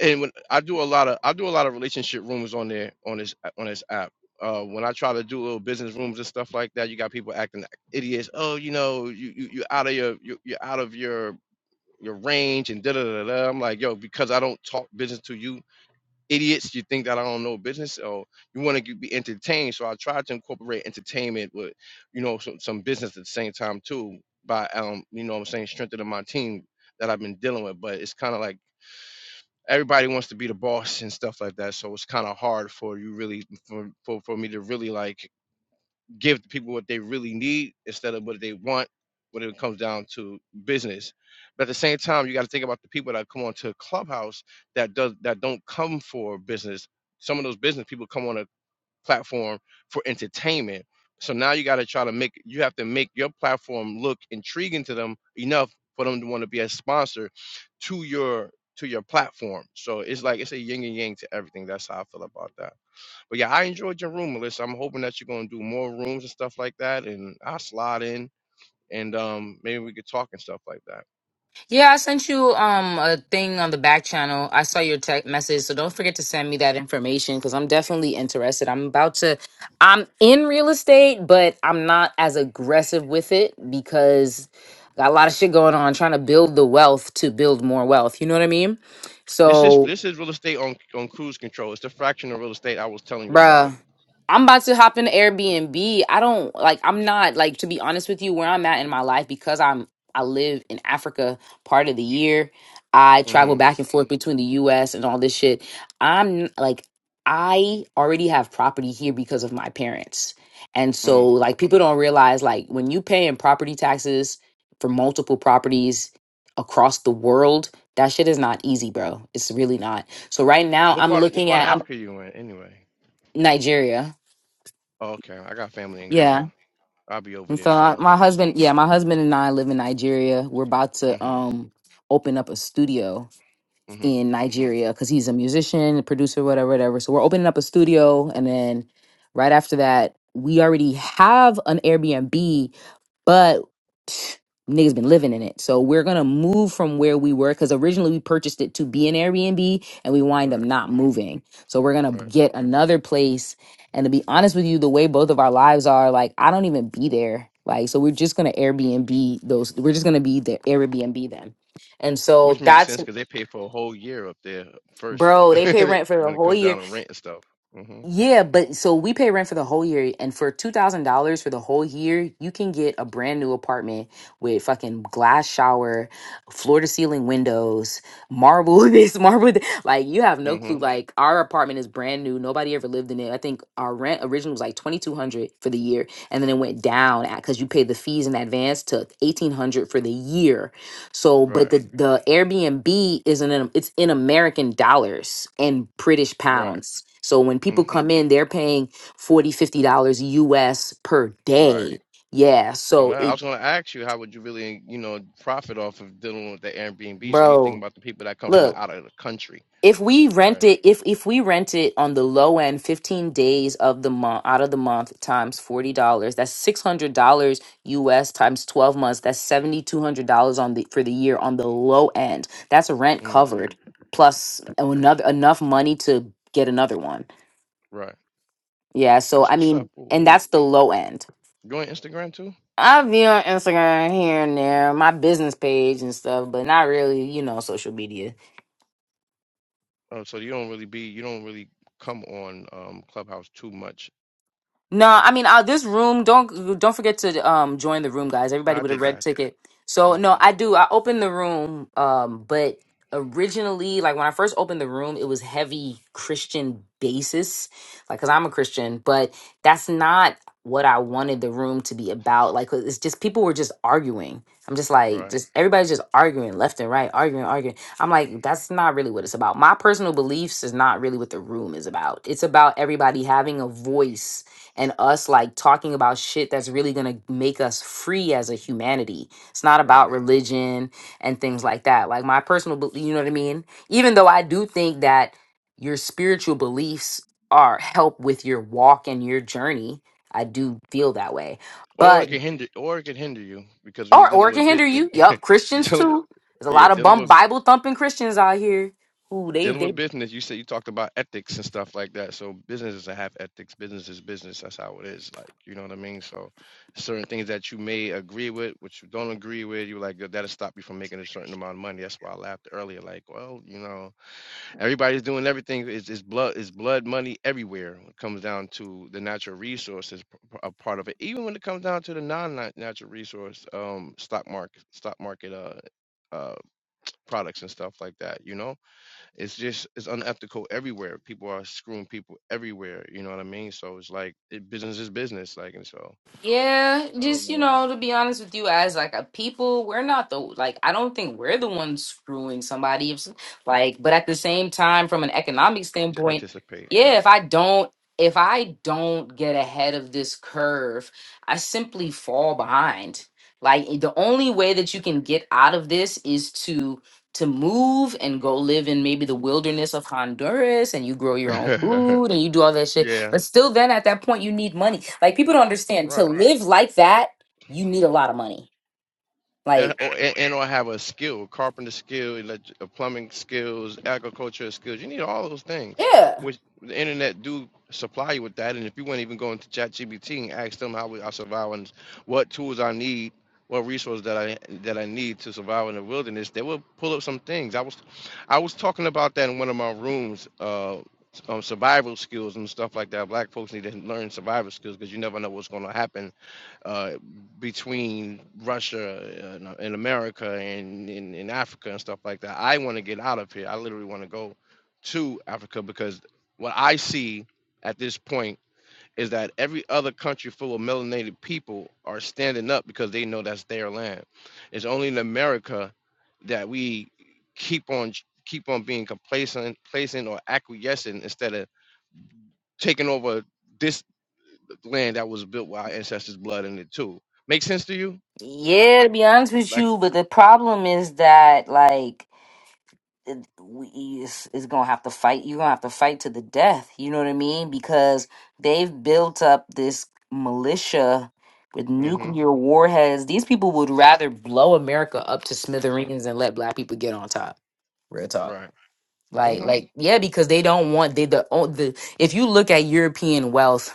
and when I do a lot of I do a lot of relationship rooms on there on this on this app. Uh, when I try to do little business rooms and stuff like that, you got people acting like idiots. Oh, you know, you you you out of your you you're out of your your range and da da da da. I'm like, yo, because I don't talk business to you, idiots. You think that I don't know business? Oh, you want to be entertained, so I try to incorporate entertainment with, you know, some, some business at the same time too. By um, you know, what I'm saying strengthening my team that I've been dealing with, but it's kind of like everybody wants to be the boss and stuff like that. So it's kind of hard for you really for, for for me to really like give the people what they really need instead of what they want when it comes down to business. But at the same time, you got to think about the people that come onto Clubhouse that does that don't come for business. Some of those business people come on a platform for entertainment. So now you got to try to make you have to make your platform look intriguing to them enough for them to want to be a sponsor to your to your platform. So it's like it's a yin and yang to everything. That's how I feel about that. But yeah, I enjoyed your room, Melissa. I'm hoping that you're gonna do more rooms and stuff like that, and I slide in and um maybe we could talk and stuff like that.
Yeah, I sent you um a thing on the back channel. I saw your text message, so don't forget to send me that information because I'm definitely interested. I'm about to, I'm in real estate, but I'm not as aggressive with it because I got a lot of shit going on, trying to build the wealth to build more wealth. You know what I mean?
This is
So
this is real estate on on cruise control. It's the fraction of real estate I was telling you about.
Bruh, I'm about to hop in Airbnb. I don't like I'm not like to be honest with you where I'm at in my life because I'm I live in Africa part of the year. I travel
hmm
back and forth between the US and all this shit. I'm like I already have property here because of my parents. And
hmm
so like people don't realize like when you pay in property taxes for multiple properties across the world, that shit is not easy, bro. It's really not. So right now
What
I'm
part of, what
looking
part of
at I'm
Africa you in anyway?
Nigeria.
Oh, okay. I got family in Ghana.
Yeah.
I'll be over
And
there
so I,
soon.
my husband, yeah, my husband and I live in Nigeria. We're about to
Mm-hmm.
um open up a studio
Mm-hmm.
in Nigeria because he's a musician, a producer, whatever, whatever. So we're opening up a studio, and then right after that, we already have an Airbnb but pff, niggas been living in it. So we're gonna move from where we were because originally we purchased it to be an Airbnb and we wind up
Right.
not moving. So we're gonna
Right.
get another place. And to be honest with you, the way both of our lives are, like I don't even be there. Like so we're just gonna Airbnb those we're just gonna be the Airbnb then. And
Which
so
makes
that's
sense because they pay for a whole year up there first for
bro,
<laughs>
they pay rent for the
when it
whole
comes
year.
down to rent and stuff. Mm-hmm.
Yeah, but so we pay rent for the whole year, and for two thousand dollars for the whole year, you can get a brand new apartment with fucking glass shower, floor to ceiling windows, marble <laughs> this, marble that. Like you have no clue.
Mm-hmm.
Like our apartment is brand new; nobody ever lived in it. I think our rent originally was like twenty two hundred for the year, and then it went down because you paid the fees in advance to eighteen hundred for the year so, but
Right.
the the Airbnb is in it's in American dollars and British
Right.
pounds. So when people
Mm-hmm.
come in, they're paying 40 50 dollars US per
Right.
day. Yeah,
On
so
that, I
it
was gonna ask you, how would you really, you know, profit off of dealing with the Airbnb? So you think
bro,
about the people that come from
look.
out of the country.
if we rent
Right.
it if if we rent it on the low end 15 days of the month out of the month times $40 that's $600 us times 12 months that's $7200 on the for the year on the low end that's rent
Mm.
covered plus another enough money to get another one
Right.
yeah so
That's
i
what's up.
mean
Ooh,
and
we.
that's the low end
You on Instagram too?
i'll be on instagram here and there my business page and stuff but not really you know social media
Oh, so you don't really be, you don't really come on um Clubhouse too much.
No, I mean uh, this room. Don't don't forget to um join the room, guys. Everybody
I
with a
did
red
that.
ticket.
hmm
So no, I do. I opened the room, um, but originally, like when I first opened the room, it was heavy Christian basis, like because I'm a Christian, but that's not what I wanted the room to be about. Like 'cause it's just people were just arguing. I'm just like,
Right,
just everybody's just arguing left and right, arguing, arguing. I'm like, that's not really what it's about. My personal beliefs is not really what the room is about. It's about everybody having a voice and us like talking about shit that's really going to make us free as a humanity. It's not
right.
about religion and things like that. Like my personal belief, you know what I mean? Even though I do think that your spiritual beliefs are help with your walk and your journey, I do feel that way.
Or it
But
can hinder, or it can hinder you because when you're
or or
dealing
it can
with bit,
hinder
when
you.
you,
Yup,
<laughs>
Christians
dealing with,
too. There's a
yeah,
lot of
dealing
bum
with
Bible thumping Christians out here who they
dealing
they
with business, you said you talked about ethics and stuff like that. So businesses that have ethics, business is business. That's how it is. Like you know what I mean. So certain things that you may agree with, which you don't agree with, you're like "Yo, that'll stop you from making a certain amount of money. That's why I laughed earlier. Like, well, you know. Everybody's doing everything. It's, it's blood. It's blood money everywhere. When it comes down to the natural resources, p- p- a part of it. Even when it comes down to the non-natural resource, um, stock market, stock market, uh, uh, products and stuff like that. You know, it's just it's unethical everywhere. People are screwing people everywhere. You know what I mean? So it's like it, business is business. Like and so
Yeah,
I
just
don't
you
know.
know, to be honest with you, as like a people, we're not the like I don't think we're the ones screwing somebody. If, s- like, but at the same time, from an economic standpoint,
Participate,
yeah, if
right?
I don't if I don't get ahead of this curve, I simply fall behind. Like eh, the only way that you can get out of this is to to move and go live in maybe the wilderness of Honduras and you grow your own
<laughs>
food and you do all that shit
yeah,
but still, then at that point, you need money. Like people don't understand to
right.
live like that, you need a lot of money.
and
Like,
or, and or have a skill, carpenter skill, elect- uh, plumbing skills, agricultural skills. You need all those things,
yeah,
which the internet do supply you with that. And if you wouldn't even go into ChatGPT and ask them how we, I survive and what tools I need, what resources that I that I need to survive in the wilderness, they will pull up some things. I was I was talking about that in one of my rooms. Uh, um, survival skills and stuff like that. Black folks need to learn survival skills because you never know what's going to happen uh, between Russia and, and America and in, in Africa and stuff like that. I want to get out of here. I literally want to go to Africa because what I see at this point is that every other country full of melanated people are standing up because they know that's their land. It's only in America that we keep on keep on being complacent, complacent or acquiescent instead of taking over this land that was built with our ancestors' blood in it too. Make sense to you?
Yeah, to be honest with
Like,
you, but the problem is that like it- we is is gonna have to fight. You're gonna have to fight to the death. You know what I mean? Because they've built up this militia with
mm-hmm.
nuclear warheads. These people would rather blow America up to smithereens and let black people get on top. Real talk.
Right.
Like,
Mm-hmm.
like, yeah, because they don't want they the o- the. If you look at European wealth,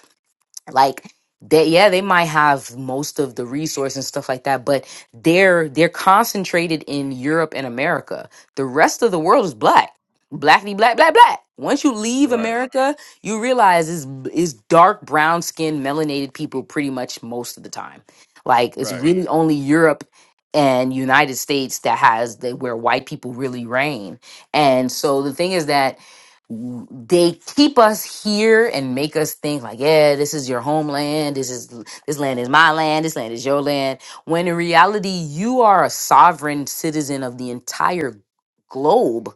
like they yeah they might have most of the resource and stuff like that but they're they're concentrated in europe and america the rest of the world is black blackity black black black once you leave
Right.
america you realize is is dark brown skinned melanated people pretty much most of the time like it's
Right.
really only europe and united states that has that where white people really reign and so the thing is that they keep us here and make us think like, yeah, this is your homeland. This is this land is my land. This land is your land. When in reality, you are a sovereign citizen of the entire globe.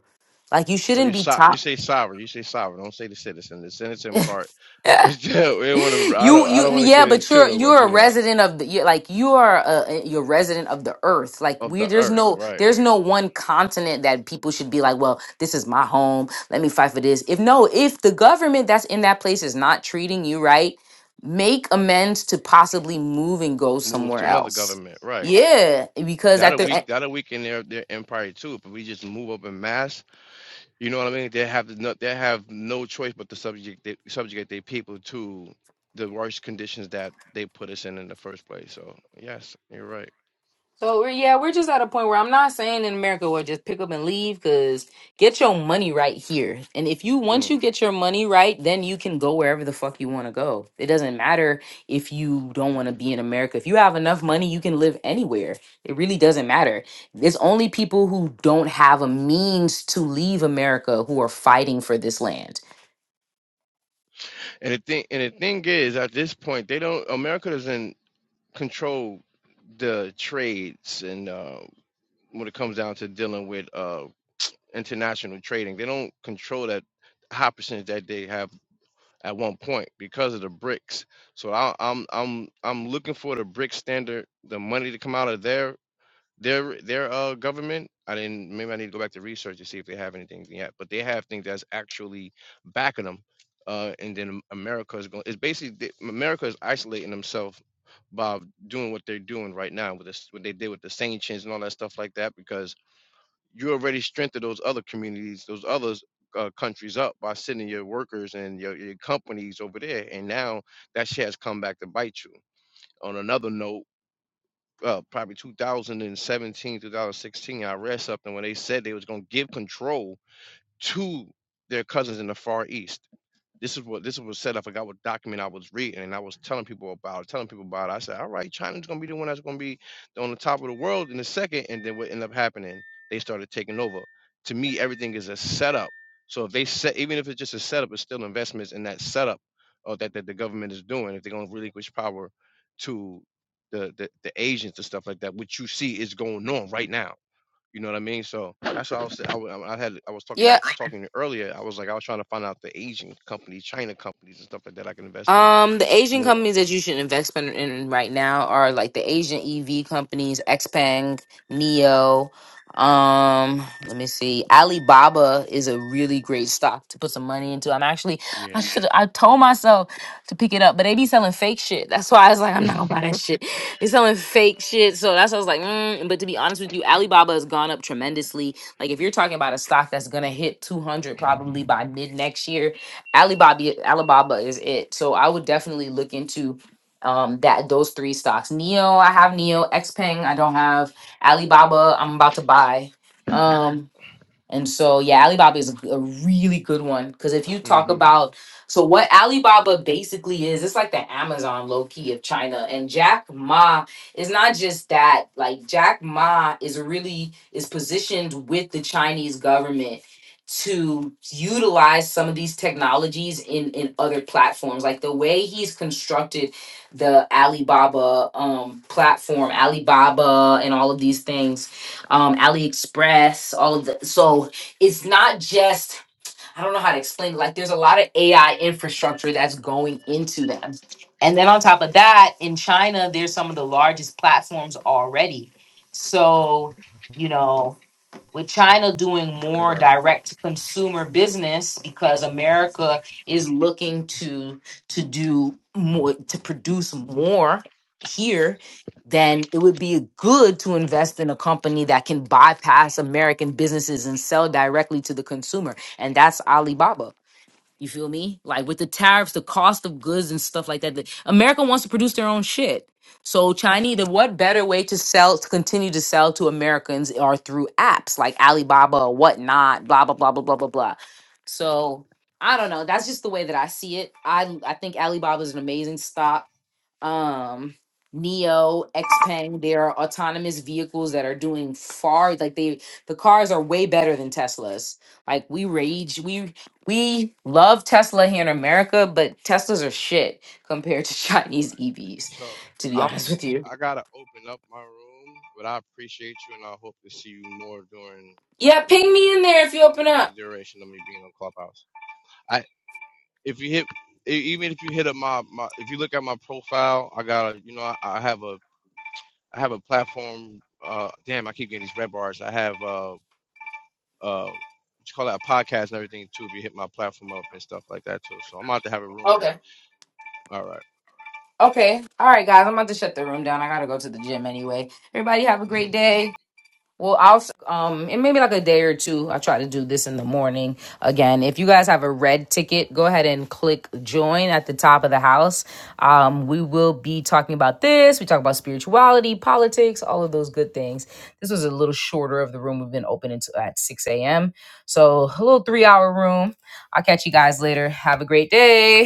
Like you
Well,
shouldn't
you
be
so
tied.
you say sovereign. You say sovereign. Don't say the citizen. The citizen part. <laughs> we don't want to. I
you
don't. I
you
don't want to
yeah
get
but you're
into it. But
you're a
you know,
resident of the you like you are a you're a resident of the earth like
of
we
the
there's
earth,
no
right?
there's no one continent that people should be like well this is my home let me fight for this if no if the government that's in that place is not treating you right make amends to possibly move and go
Move
somewhere
to another
else
government, right?
yeah because at
That'll
the
weak. That'll weaken their their empire too. If we just move up in mass, you know what I mean. They have no. They have no choice but to subject they, subjugate their people to the worst conditions that they put us in in the first place. So yes, you're right.
So we're yeah, we're just at a point where I'm not saying in America we'll just pick up and leave because get your money right here. And if you
Mm.
once you get your money right, then you can go wherever the fuck you want to go. It doesn't matter if you don't want to be in America. If you have enough money, you can live anywhere. It really doesn't matter. It's only people who don't have a means to leave America who are fighting for this land.
And the thing and the thing is, at this point, they don't. America doesn't control the trades, and uh, when it comes down to dealing with uh, international trading, they don't control that high percentage that they have at one point because of the BRICS. So I, I'm I'm I'm looking for the BRICS standard, the money to come out of there their their uh government, I didn't maybe I need to go back to research to see if they have anything yet, but they have things that's actually backing them. Uh, and then America is going. It's basically the- America is isolating themselves by doing what they're doing right now with this, what they did with the sanctions and all that stuff like that, because you already strengthened those other communities, those other Uh, countries up by sending your workers and your, your companies over there, and now that shit has come back to bite you. On another note, uh, probably 2017, 2016. I read something when they said they was going to give control to their cousins in the Far East this is what this was said. I forgot what document I was reading, and I was telling people about telling people about it. I said, all right, China's gonna be the one that's gonna be on the top of the world in a second, and then what ended up happening, they started taking over. To me, everything is a setup. So if they set, even if it's just a setup, it's still investments in that setup or that, that the government is doing. If they're gonna relinquish power to the, the the agents and stuff like that, which you see is going on right now you know what I mean? So that's what I was. say- I, wa- I had. I was talking about talking earlier. I was like, I was trying to find out the Asian companies, China companies, and stuff like that I can invest in
Um, the Asian
more.
companies that you should invest in, in right now are like the Asian EV companies, Xpeng, Neo. Um, let me see. Alibaba is a really great stock to put some money into. I'm actually, <laughs> I
Yeah.
should, I told myself to pick it up, but they be selling fake shit. That's why I was like, I'm
<laughs>
not gonna buy that shit. They selling fake shit, so that's why I was like, mm. but to be honest with you, Alibaba has gone up tremendously. Like, if you're talking about a stock that's gonna hit 200 probably by mid next year, Alibaba Alibaba is it. So I would definitely look into um that those three stocks. Neo, I have Neo, Xpeng, I don't have Alibaba, I'm about to buy. Um, and so, yeah, Alibaba is a, a really good one because if you talk
hmm
about so what Alibaba basically is, it's like the Amazon low key of China. And Jack Ma is not just that. Like Jack Ma is really is positioned with the Chinese government to utilize some of these technologies in in other platforms. Like the way he's constructed the Alibaba um platform, Alibaba and all of these things um, AliExpress, all of the. So it's not just, I don't know how to explain it. Like there's a lot of AI infrastructure that's going into them. And then on top of that, in China, there's some of the largest platforms already. So, you know, with China doing
Right.
more direct consumer business because America is looking to to do more to produce more here then it would be good to invest in a company that can bypass American businesses and sell directly to the consumer. And that's Alibaba. You feel me? Like with the tariffs, the cost of goods and stuff like that. the- America wants to produce their own shit. So Chinese, the what better way to sell to continue to sell to Americans are through apps like Alibaba or whatnot, blah blah blah blah blah blah blah. So I don't know. That's just the way that I see it. I I think Alibaba is an amazing stock um Neo, Xpeng, there are autonomous vehicles that are doing far like they the cars are way better than Teslas. Like we rage, we we love Tesla here in America, but Teslas are shit compared to <laughs> Chinese
Right.
EVs,
So
to be
I'm.
honest with you.
I gotta open up my room, but I appreciate you, and I hope to see you more during
Yeah, ping me in there if you open
the
up.
duration of me being on Clubhouse. I if you hit e- even if you hit up my, my if you look at my profile, I got to you know I, I have a I have a platform. Uh, damn, I keep getting these red bars. I have uh, uh, what you call that a podcast and everything too. If you hit my platform up and stuff like that too, so I'm about to have a room.
Okay.
All right.
Okay. All right, guys. I'm about to shut the room down. I gotta go to the gym anyway. Everybody have a great
<laughs>
day. Well, I'll s- um in maybe like a day or two. I try to do this in the morning. Again, if you guys have a red ticket, go ahead and click join at the top of the house. Um, we will be talking about this. We talk about spirituality, politics, all of those good things. This was a little shorter of the room. We've been open until at six a.m. So a little three-hour room. I'll catch you guys later. Have a great day.